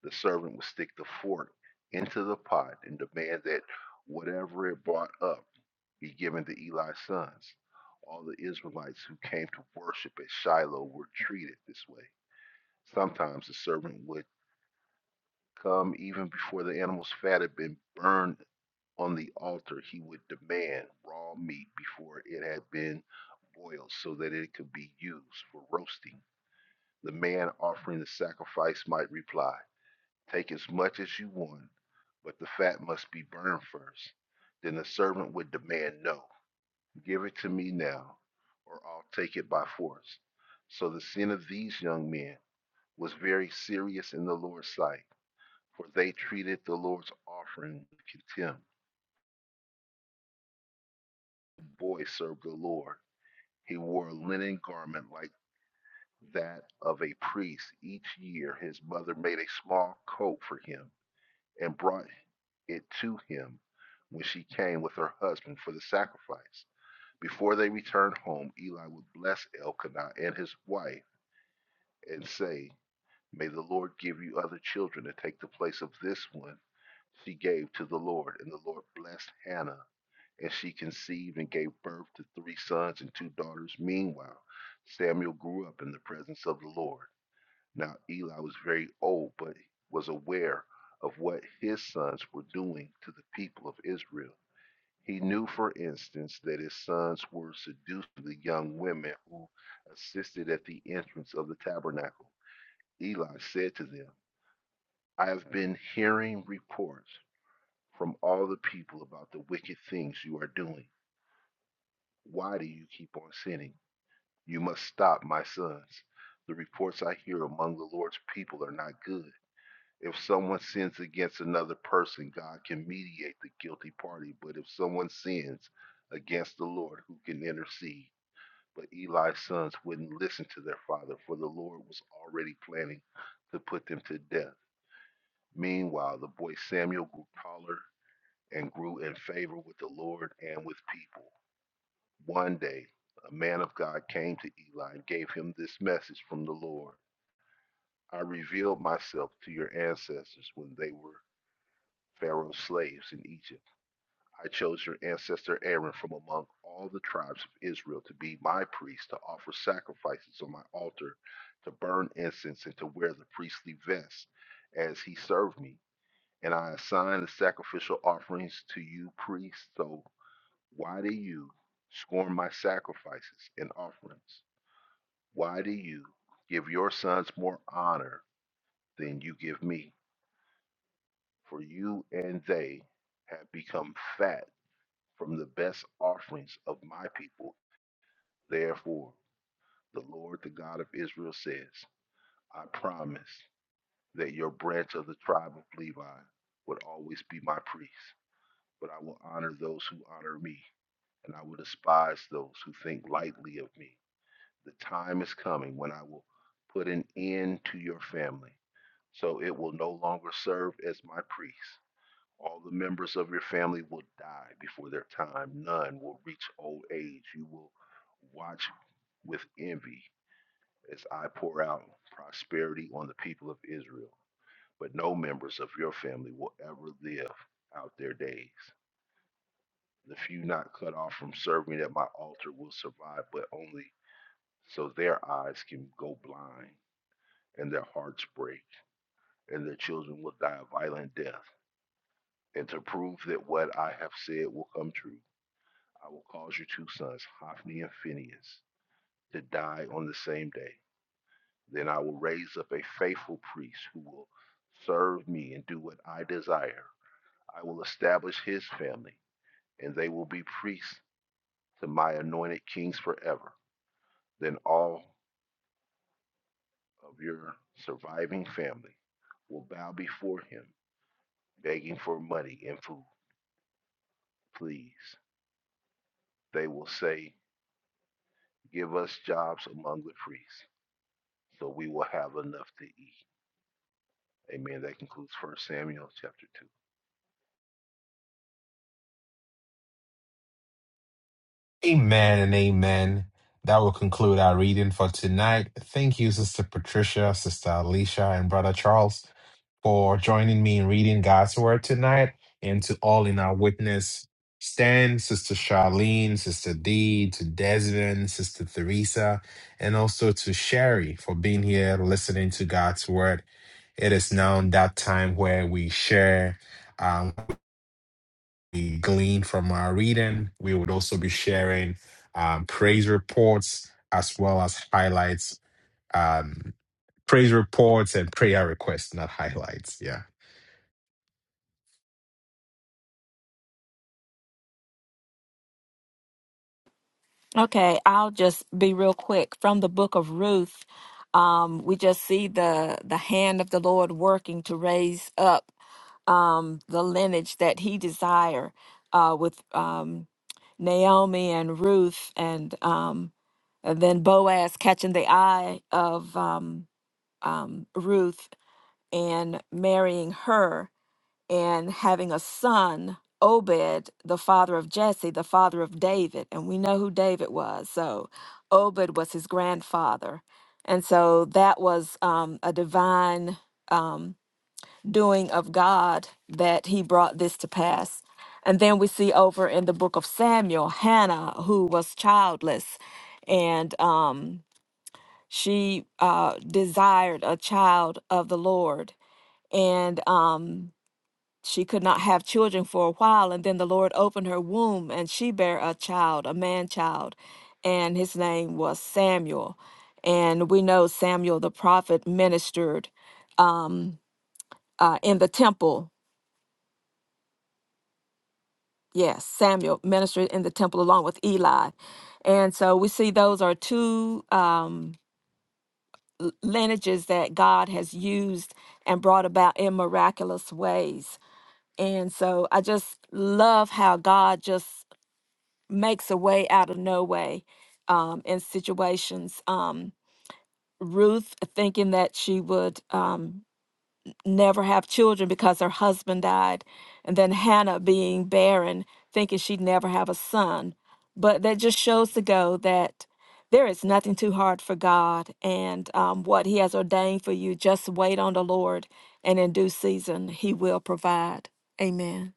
D: The servant would stick the fork into the pot and demand that whatever it brought up be given to Eli's sons. All the Israelites who came to worship at Shiloh were treated this way. Sometimes the servant would come even before the animal's fat had been burned on the altar. He would demand raw meat before it had been boiled so that it could be used for roasting. The man offering the sacrifice might reply, Take as much as you want, but the fat must be burned first." Then the servant would demand no. Give it to me now, or I'll take it by force. So the sin of these young men was very serious in the Lord's sight, for they treated the Lord's offering with contempt. The boy served the Lord. He wore a linen garment like that of a priest. Each year his mother made a small coat for him and brought it to him when she came with her husband for the sacrifice. Before they returned home, Eli would bless Elkanah and his wife and say, May the Lord give you other children to take the place of this one she gave to the Lord. And the Lord blessed Hannah, and she conceived and gave birth to three sons and two daughters. Meanwhile, Samuel grew up in the presence of the Lord. Now Eli was very old, but was aware of what his sons were doing to the people of Israel. He knew, for instance, that his sons were seducing the young women who assisted at the entrance of the tabernacle Eli said to them, I have been hearing reports from all the people about the wicked things you are doing. Why do you keep on sinning? You must stop, my sons. The reports I hear among the Lord's people are not good. If someone sins against another person, God can mediate the guilty party. But if someone sins against the Lord, who can intercede? But Eli's sons wouldn't listen to their father, for the Lord was already planning to put them to death. Meanwhile, the boy Samuel grew taller and grew in favor with the Lord and with people. One day, a man of God came to Eli and gave him this message from the Lord I revealed myself to your ancestors when they were Pharaoh's slaves in Egypt. I chose your ancestor Aaron from among all the tribes of Israel to be my priest, to offer sacrifices on my altar, to burn incense, and to wear the priestly vest as he served me. and I assign the sacrificial offerings to you priests. So why do you scorn my sacrifices and offerings? Why do you give your sons more honor than you give me? For you and they have become fat from the best offerings of my people. Therefore, the Lord, the God of Israel, says, I promise that your branch of the tribe of Levi would always be my priest, but I will honor those who honor me and I will despise those who think lightly of me. The time is coming when I will put an end to your family, so it will no longer serve as my priests. All the members of your family will die before their time. None will reach old age. You will watch with envy as I pour out prosperity on the people of Israel. But no members of your family will ever live out their days. The few not cut off from serving at my altar will survive, but only So their eyes can go blind and their hearts break, and their children will die a violent death. And to prove that what I have said will come true, I will cause your two sons, Hophni and Phinehas, to die on the same day. Then I will raise up a faithful priest who will serve me and do what I desire. I will establish his family, and they will be priests to my anointed kings forever. Then all of your surviving family will bow before him begging for money and food. Please, they will say, Give us jobs among the priests, so we will have enough to eat. Amen. That concludes First Samuel chapter
A: Amen and amen. That will conclude our reading for tonight. Thank you, Sister Patricia, Sister Alicia, and Brother Charles. for joining me in reading God's Word tonight and to all in our witness stand, Sister Charlene, Sister Dee, to Desmond, Sister Theresa, and also to Sherry for being here listening to God's Word. It is now that time where we share, um, we glean from our reading. We would also be sharing um, praise reports as well as highlights. um, praise reports and prayer requests, not highlights. Yeah.
B: Okay, I'll just be real quick. From the book of Ruth, um, we just see the the hand of the Lord working to raise up um, the lineage that He desire uh, with um, Naomi and Ruth, and, um, and then Boaz catching the eye of um, um, Ruth and marrying her. and having a son, Obed, the father of Jesse, the father of David. And we know who David was. So Obed was his grandfather. And so that was um, a divine um, doing of God that he brought this to pass. And then we see over in the book of Samuel, Hannah, who was childless. And um, she uh, desired a child of the Lord. And um, she could not have children for a while and then the lord opened her womb and she bare a child a man child and his name was samuel and we know samuel the prophet ministered um, uh, in the temple yes samuel ministered in the temple along with eli and so we see those are two um, l- lineages that god has used and brought about in miraculous ways and so i just love how god just makes a way out of no way um, in situations. Um, Ruth, thinking that she would um, never have children because her husband died, and then Hannah being barren, thinking she'd never have a son. But that just shows to go that there is nothing too hard for God, and um, what He has ordained for you, just wait on the Lord, and in due season, He will provide. Amen.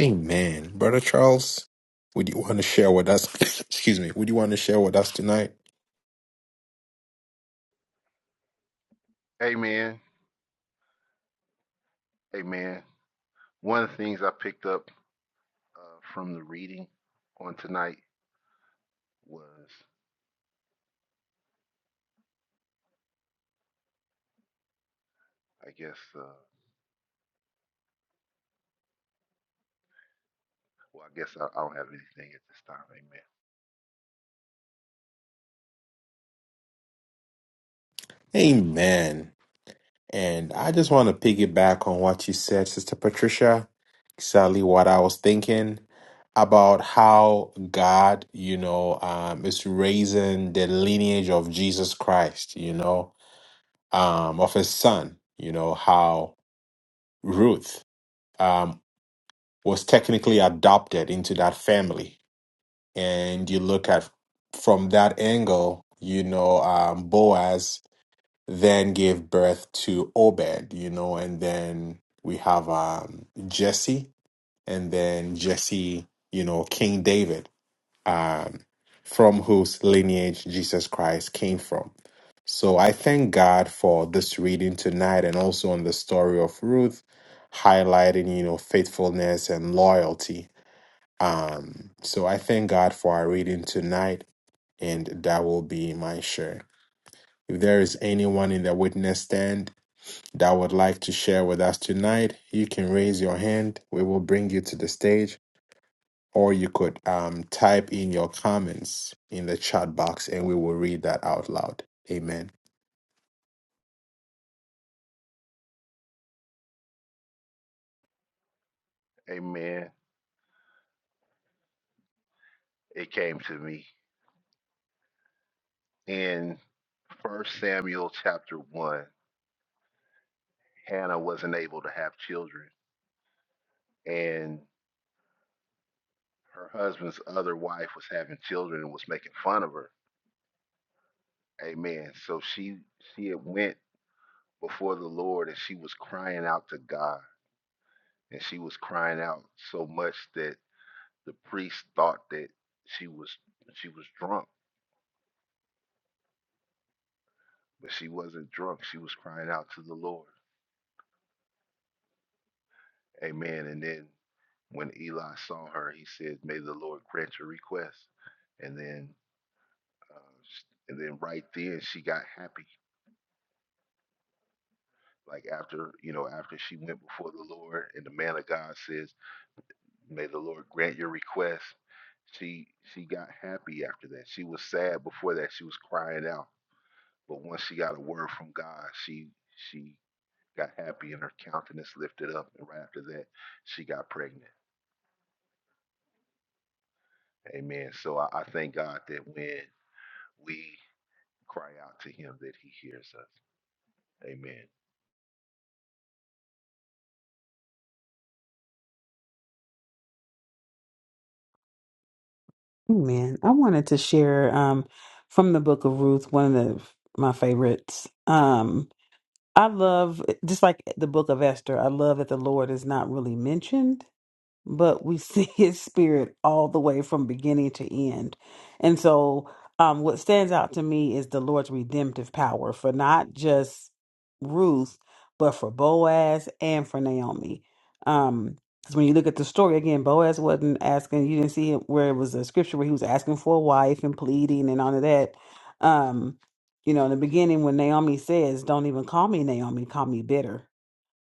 A: Amen. Brother Charles, would you want to share with us? excuse me. Would you want to share with us tonight?
D: 2. Amen. Amen. One of the things I picked up uh, from the reading on tonight was, I guess, uh, well, I guess I, I don't have anything at this time.
A: Amen. And I just want to piggyback on what you said, Sister Patricia. Exactly what I was thinking about how God, you know, um, is raising the lineage of Jesus Christ, you know, um, of his son, you know, how Ruth um, was technically adopted into that family. And you look at from that angle, you know, um, Boaz then gave birth to Obed, you know, and then we have um, Jesse, and then Jesse, you know, King David, um, from whose lineage Jesus Christ came from. So I thank God for this reading tonight and also on the story of Ruth, highlighting, you know, faithfulness and loyalty. Um, so I thank God for our reading tonight, and that will be my share. If there is anyone in the witness stand, that would like to share with us tonight, you can raise your hand. We will bring you to the stage, or you could um, type in your comments in the chat box and we will read that out loud. Amen.
D: Amen. Amen. It came to me in First Samuel chapter 1. Hannah wasn't able to have children. And her husband's other wife was having children and was making fun of her. Amen. So she she had went before the Lord and she was crying out to God. And she was crying out so much that the priest thought that she was she was drunk, but she wasn't drunk. She was crying out to the Lord. Amen. And then when Eli saw her, he said, "May the Lord grant your request." And then, uh, and then right then she got happy. like after you know after she went before the lord and the man of god says may the lord grant your request she she got happy after that she was sad before that she was crying out but once she got a word from god she she got happy and her countenance lifted up and right after that she got pregnant amen so i, I thank god that when we cry out to him that he hears us amen
E: Oh, Man, I wanted to share um, from the book of Ruth, one of the, my favorites. Um, I love, just like the book of Esther, I love that the Lord is not really mentioned but we see his spirit all the way from beginning to end. And so, um, what stands out to me is the Lord's redemptive power for not just Ruth, but for Boaz and for Naomi. Um, because when you look at the story again, Boaz wasn't asking, you didn't see it where it was a scripture where he was asking for a wife and pleading and all of that. Um, you know, in the beginning, when Naomi says, Don't even call me Naomi, call me bitter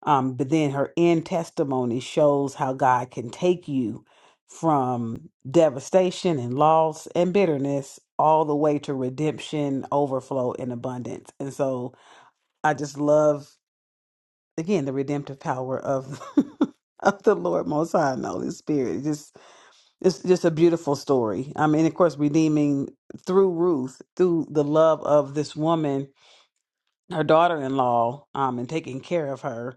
E: um, but then her end testimony shows how God can take you from devastation and loss and bitterness all the way to redemption, overflow, and abundance. And so I just love again the redemptive power of of the Lord Most High and the Holy Spirit. It Just it's just a beautiful story. I mean, of course, redeeming through Ruth, through the love of this woman, her daughter in law, um, and taking care of her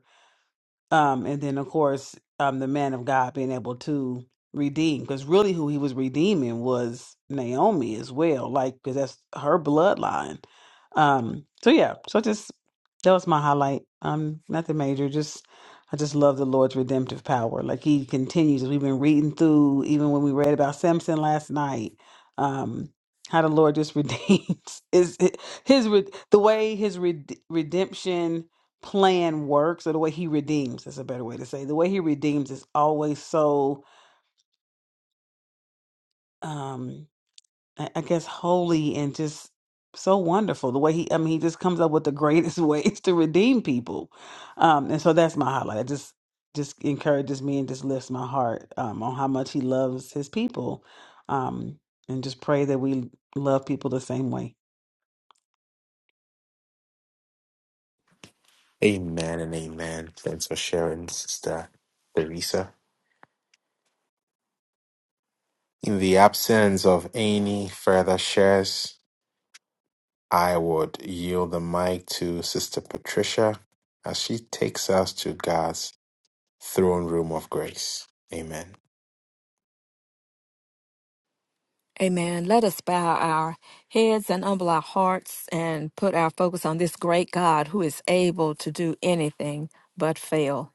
E: um, and then of course um, the man of God being able to redeem, because really who he was redeeming was Naomi as well, like because that's her bloodline. Um, so yeah, so just that was my highlight. Um, nothing major, just I just love the Lord's redemptive power. Like He continues. We've been reading through, even when we read about Samson last night. Um, how the Lord just redeems is his, his re- the way his red redemption plan works or the way he redeems thats a better way to say it. the way he redeems is always so um i I guess holy and just so wonderful the way he i mean he just comes up with the greatest ways to redeem people um and so that's my highlight it just just encourages me and just lifts my heart um on how much he loves his people um and just pray that we love people the same way
A: Amen and amen. Thanks for sharing, Sister Teresa. In the absence of any further shares, I would yield the mic to Sister Patricia as she takes us to God's throne room of grace. Amen.
B: Amen. Let us bow our heads and humble our hearts and put our focus on this great God who is able to do anything but fail.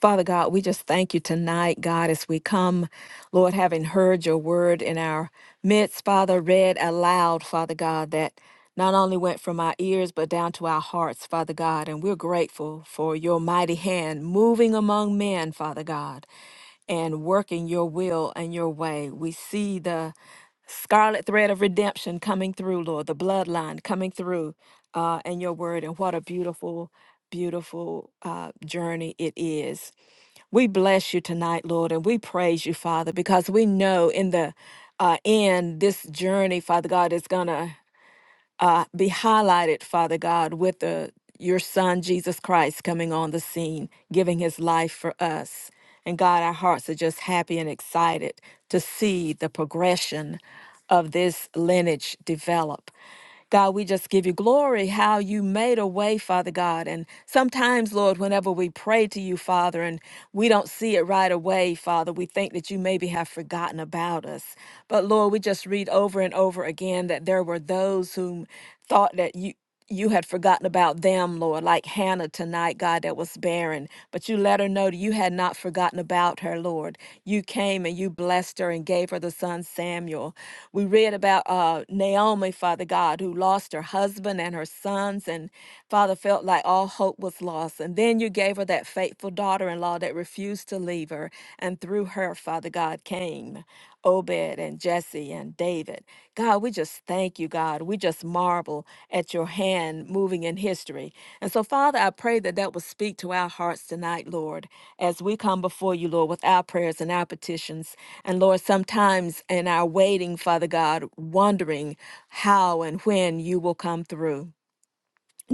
B: Father God, we just thank you tonight, God, as we come, Lord, having heard your word in our midst, Father, read aloud, Father God, that not only went from our ears but down to our hearts, Father God, and we're grateful for your mighty hand moving among men, Father God and working your will and your way. We see the scarlet thread of redemption coming through, Lord, the bloodline coming through uh, in your word. And what a beautiful, beautiful uh, journey it is. We bless you tonight, Lord, and we praise you, Father, because we know in the uh, end, this journey, Father God, is going to uh, be highlighted, Father God, with the, your Son, Jesus Christ, coming on the scene, giving his life for us. And God, our hearts are just happy and excited to see the progression of this lineage develop. God, we just give you glory how you made a way, Father God. And sometimes, Lord, whenever we pray to you, Father, and we don't see it right away, Father, we think that you maybe have forgotten about about us. But Lord, we just read over and over again that there were those whom thought that you you had forgotten about them, Lord, like Hannah tonight, God, that was barren. But you let her know that you had not forgotten about her, Lord. You came and you blessed her and gave her the son Samuel. We read about uh, Naomi, Father God, who lost her husband and her sons, and Father felt like all hope was lost. And then you gave her that faithful faithful daughter in law that refused to leave her, and through her, Father God, came Obed and Jesse and David. God, we just thank you, God. We just marvel at your hand moving in history. And so, Father, I pray that that will speak to our hearts tonight, Lord, as we come before you, Lord, with our prayers and our petitions. And Lord, sometimes in our waiting, Father God, wondering how and when you will come through.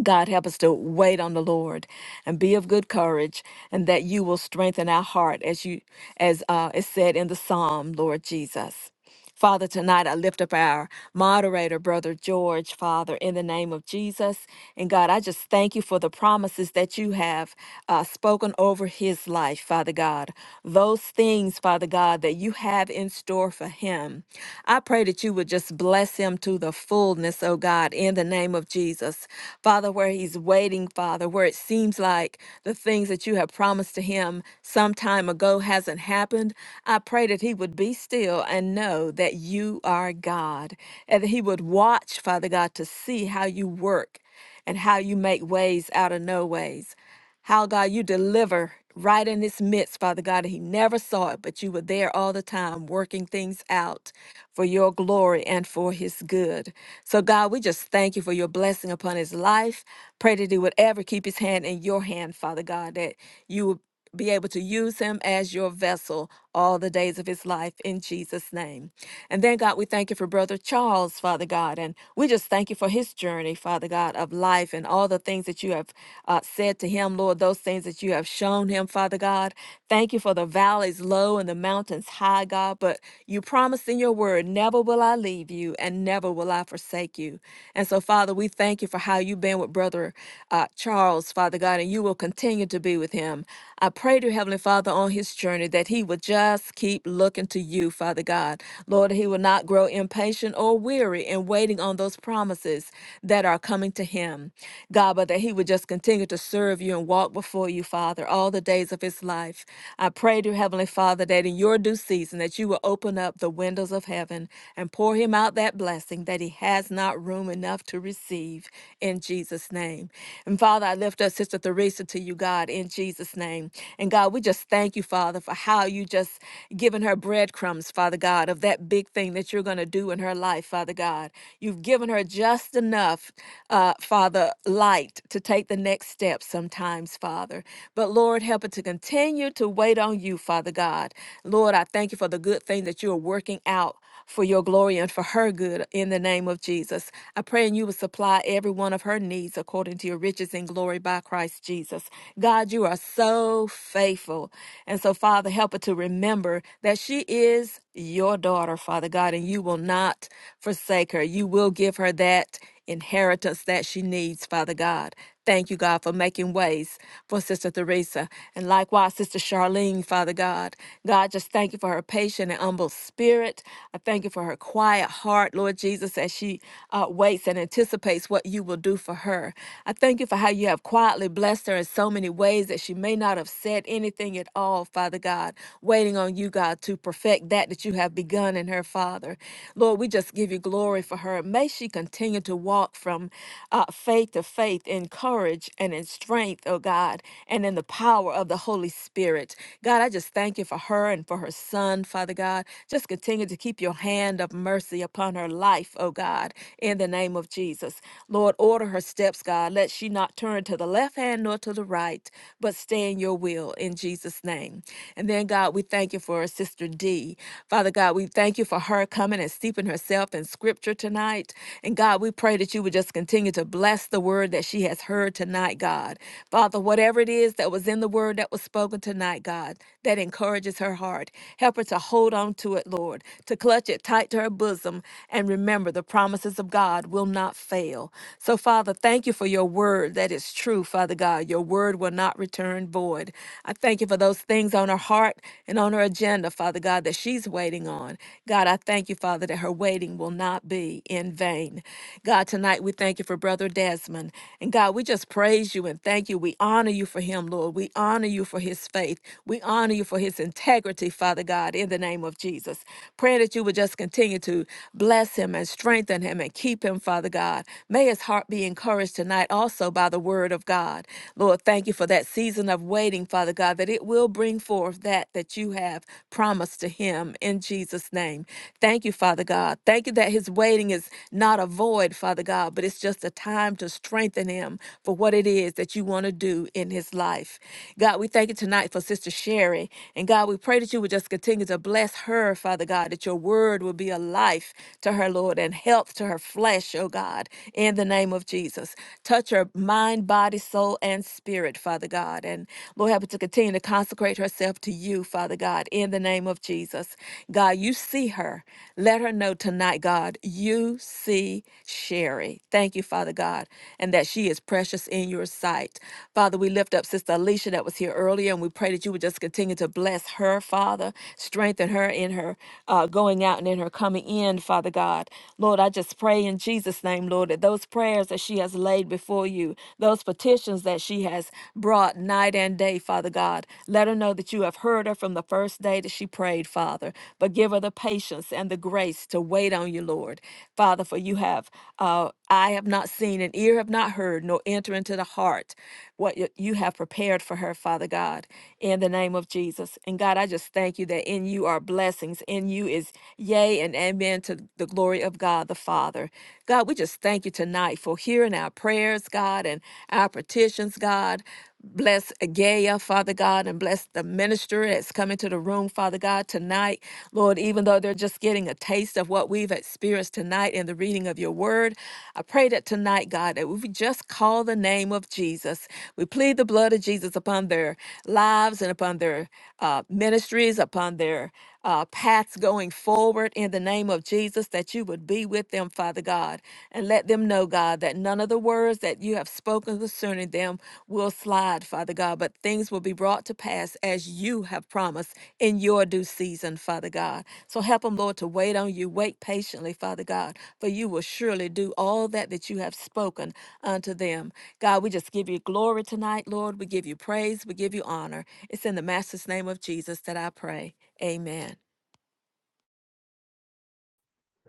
B: God, help us to wait on the Lord and be of good courage, and that you will strengthen our heart as you, as uh, is said in the psalm, Lord Jesus. Father, tonight I lift up our moderator, Brother George, Father, in the name of Jesus. And God, I just thank you for the promises that you have uh, spoken over his life, Father God. Those things, Father God, that you have in store for him. I pray that you would just bless him to the fullness, oh God, in in the name of Jesus. Father, where he's waiting, Father, where it seems like the things that you have promised to him some time ago hasn't happened, I pray that he would be still and know that you are God and that he would watch, Father God, to see how you work and how you make ways out of no ways. How, God, you deliver right in his midst, Father God. He never saw it, but you were there all the time working things out for your glory and for his good. So, God, we just thank you for your blessing upon his life. Pray that he would ever keep his hand in your hand, Father God, that you would be able to use him as your vessel all the days of his life in Jesus' name. And then, God, we thank you for Brother Charles, Father God. And we just thank you for his journey, Father God, of life and all the things that you have uh, said to him, Lord, those things that you have shown him, Father God. Thank you for the valleys low and the mountains high, God. But you promised in your word, word, never will I leave you and never will I forsake you. And so, Father, we thank you for how you've been with Brother uh, Charles, Father God, and you will continue to be with him. I pray to Heavenly Father on his journey that he will just keep looking to you, Father God. Lord, he will not grow impatient or weary in waiting on those promises that are coming to him. God, but that he would just continue to serve you and walk before you, Father, all the days of his life. I pray to Heavenly Father that in your due season that you will open up the windows windows of heaven and pour him out that blessing that he has not room enough to receive in Jesus' name. And Father, I lift up Sister Theresa to you, God, in Jesus' name. And God, we just thank you, Father, for how you just given her breadcrumbs, Father God, of that big thing that you're going to do in her life, Father God. You've given her just enough, uh, Father, light to take the next step sometimes, Father. But Lord, help her to continue to wait on you, Father God. Lord, I thank you for the good thing that you are working working out for your glory and for her good in the name of Jesus. I pray and you will supply every one of her needs according to your riches and glory by Christ Jesus. God, you are so faithful. And so, Father, help her to remember that she is your daughter, Father God, and you will not forsake her. You will give her that inheritance that she needs, Father God. Thank you, God, for making ways for Sister Theresa and likewise Sister Charlene, Father God. God, just thank you for her patient and humble spirit. I thank you for her quiet heart, Lord Jesus, as she uh, waits and anticipates what you will do for her. I thank you for how you have quietly blessed her in so many ways that she may not have said anything at all, Father God, waiting on you, God, to perfect that that you have begun in her, Father. Lord, we just give you glory for her. May she continue to walk from uh, faith to faith in courage and in strength, oh God, and in the power of the Holy Spirit. God, I just thank you for her and for her son, Father God. Just continue to keep your hand of mercy upon her life, oh God, in the name of Jesus. Lord, order her steps, God. Let she not turn to the left hand nor to the right, but stay in your will in Jesus' name. And then, God, we thank you for her sister D. Father God, we thank you for her coming and steeping her open herself in scripture tonight. And God, we pray that you would just continue to bless the word that she has heard tonight, God. Father, whatever it is that was in the word that was spoken tonight, God, that encourages her heart, help her to hold on to it, Lord, to clutch it tight to her bosom and remember the promises of God will not fail. So, Father, thank you for your word that is true, Father God. Your word will not return void. I thank you for those things on her heart and on her agenda, Father God, that she what she's waiting on. God, I thank you, Father, that her waiting will not be in vain. God, tonight we thank you for Brother Desmond. And God, we just praise you and thank you. We honor you for him, Lord. We honor you for his faith. We honor you for his integrity, Father God, in the name of Jesus. Praying that you would just continue to bless him and strengthen him and keep him, Father God. May his heart be encouraged tonight also by the word of God. Lord, thank you for that season of waiting, Father God, that it will bring bring forth that that you have promised to him in Jesus' name. Thank you, Father God. Thank you that his waiting is not a void, Father God, but it's just a time to strengthen him for what it is that you want to do in his life. God, we thank you tonight for Sister Sherry. And God, we pray that you would just continue to bless her, Father God, that your word will be a life to her, Lord, and health to her flesh, oh God, in the name of Jesus. Touch her mind, body, soul, and spirit, heart, Father God. And Lord, help her to continue to consecrate herself to you, Father God, in the name of Jesus. God, you see her. Let her know tonight, God, you see Sherry. Thank you, Father God, and that she is precious in your sight. Father, we lift up Sister Alicia that was here earlier, and we pray that you would just continue to bless her, Father, strengthen her in her uh, going out and in her coming in, Father God. Lord, I just pray in Jesus' name, Lord, that those prayers that she has laid laid before you, those petitions that she has brought night and day, Father God. Let her know that you have heard her from the first day that she prayed, Father. But give her the patience and the grace to wait on you, Lord. Father, for you have, uh, I have not seen, and ear have not heard, nor enter into the heart what y- you have prepared for her, Father God, in the name of Jesus. And God, I just thank you that in you are blessings. In you is yea and amen to the glory of God the Father. God, we just thank you tonight for hearing our prayers, God, and our petitions, God. Bless Agaya, Father God, and bless the minister that's coming to the room, Father God, tonight. Lord, even though they're just getting a taste of what we've experienced tonight in the reading of your word, I pray that tonight, God, that we just call the name of Jesus. We plead the blood of Jesus upon their lives and upon their uh, ministries, upon their uh, paths going forward in the name of Jesus, that you would be with them, Father God, and let them know, God, that none of the words that you have spoken concerning them will slide, Father God, but things will be brought to pass as you have promised in your due season, Father God. So help them, Lord, to wait on you. Wait patiently, Father God, for you will surely do all that that you have spoken unto them. God, we just give you glory tonight, Lord. We give you praise. We give you honor. It's in the Master's name of Jesus that I pray. Amen.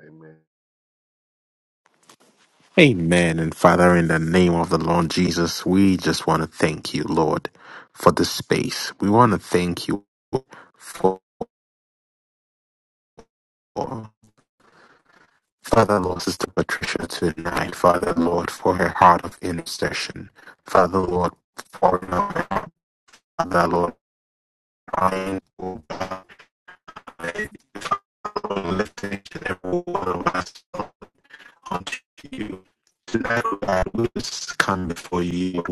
D: amen
A: Amen. And Father, in the name of the Lord Jesus, we just want to thank you, Lord, for this space. We want to thank you for Father, Lord, Sister Patricia tonight. Father, Lord, for her heart of intercession. Father, Lord, for her, heart. Father, Lord, crying, oh God, lifting each every one of us. unto you. Tonight, Lord, we just come before you,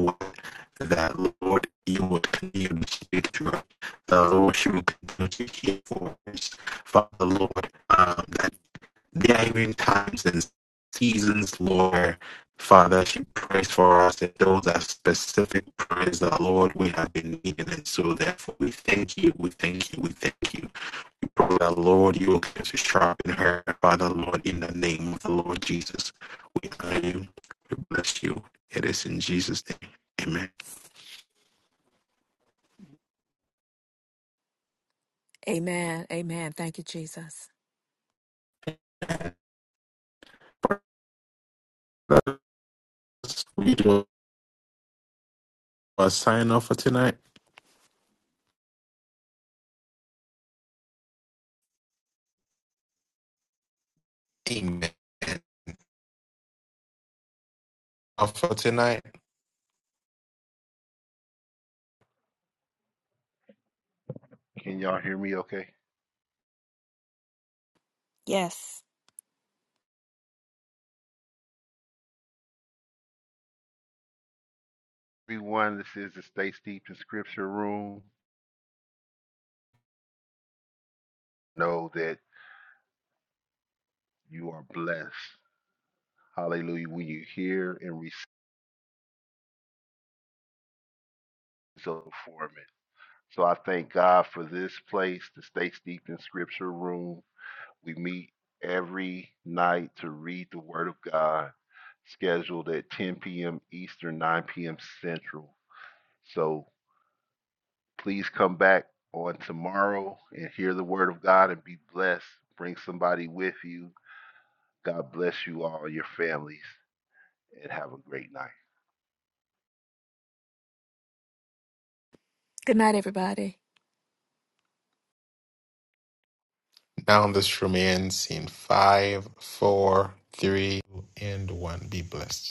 A: that Lord, you would continue to speak to us. The Lord, you would continue to hear for us. Father, Lord, um, that there are even times and seasons, Lord, Father, she prays for us and those are specific prayers that, Lord, we have been needing. And so, therefore, we thank you, we thank you, we thank you from the Lord, you will get to sharpen her by the Lord in the name of the Lord Jesus. We honor you. We bless you. It is in Jesus' name. Amen.
B: Amen. Amen. Thank you, Jesus.
A: And Brothers, We do a sign off for tonight. Amen. Off for tonight.
D: can y'all hear me okay
B: Yes.
D: everyone this is the stay steeped in scripture room Know that you are blessed. Hallelujah. When you hear and receive so form it. So I thank God for this place, the Stay Steeped in Scripture room. We meet every night to read the Word of God, scheduled at 10 p.m. Eastern, 9 p.m. Central. So please come back on tomorrow and hear the Word of God and be blessed. Bring somebody with you. God bless you all, your families, and have a great night.
B: Good night, everybody.
A: Now this room ends in five, four, three, and one. Be blessed.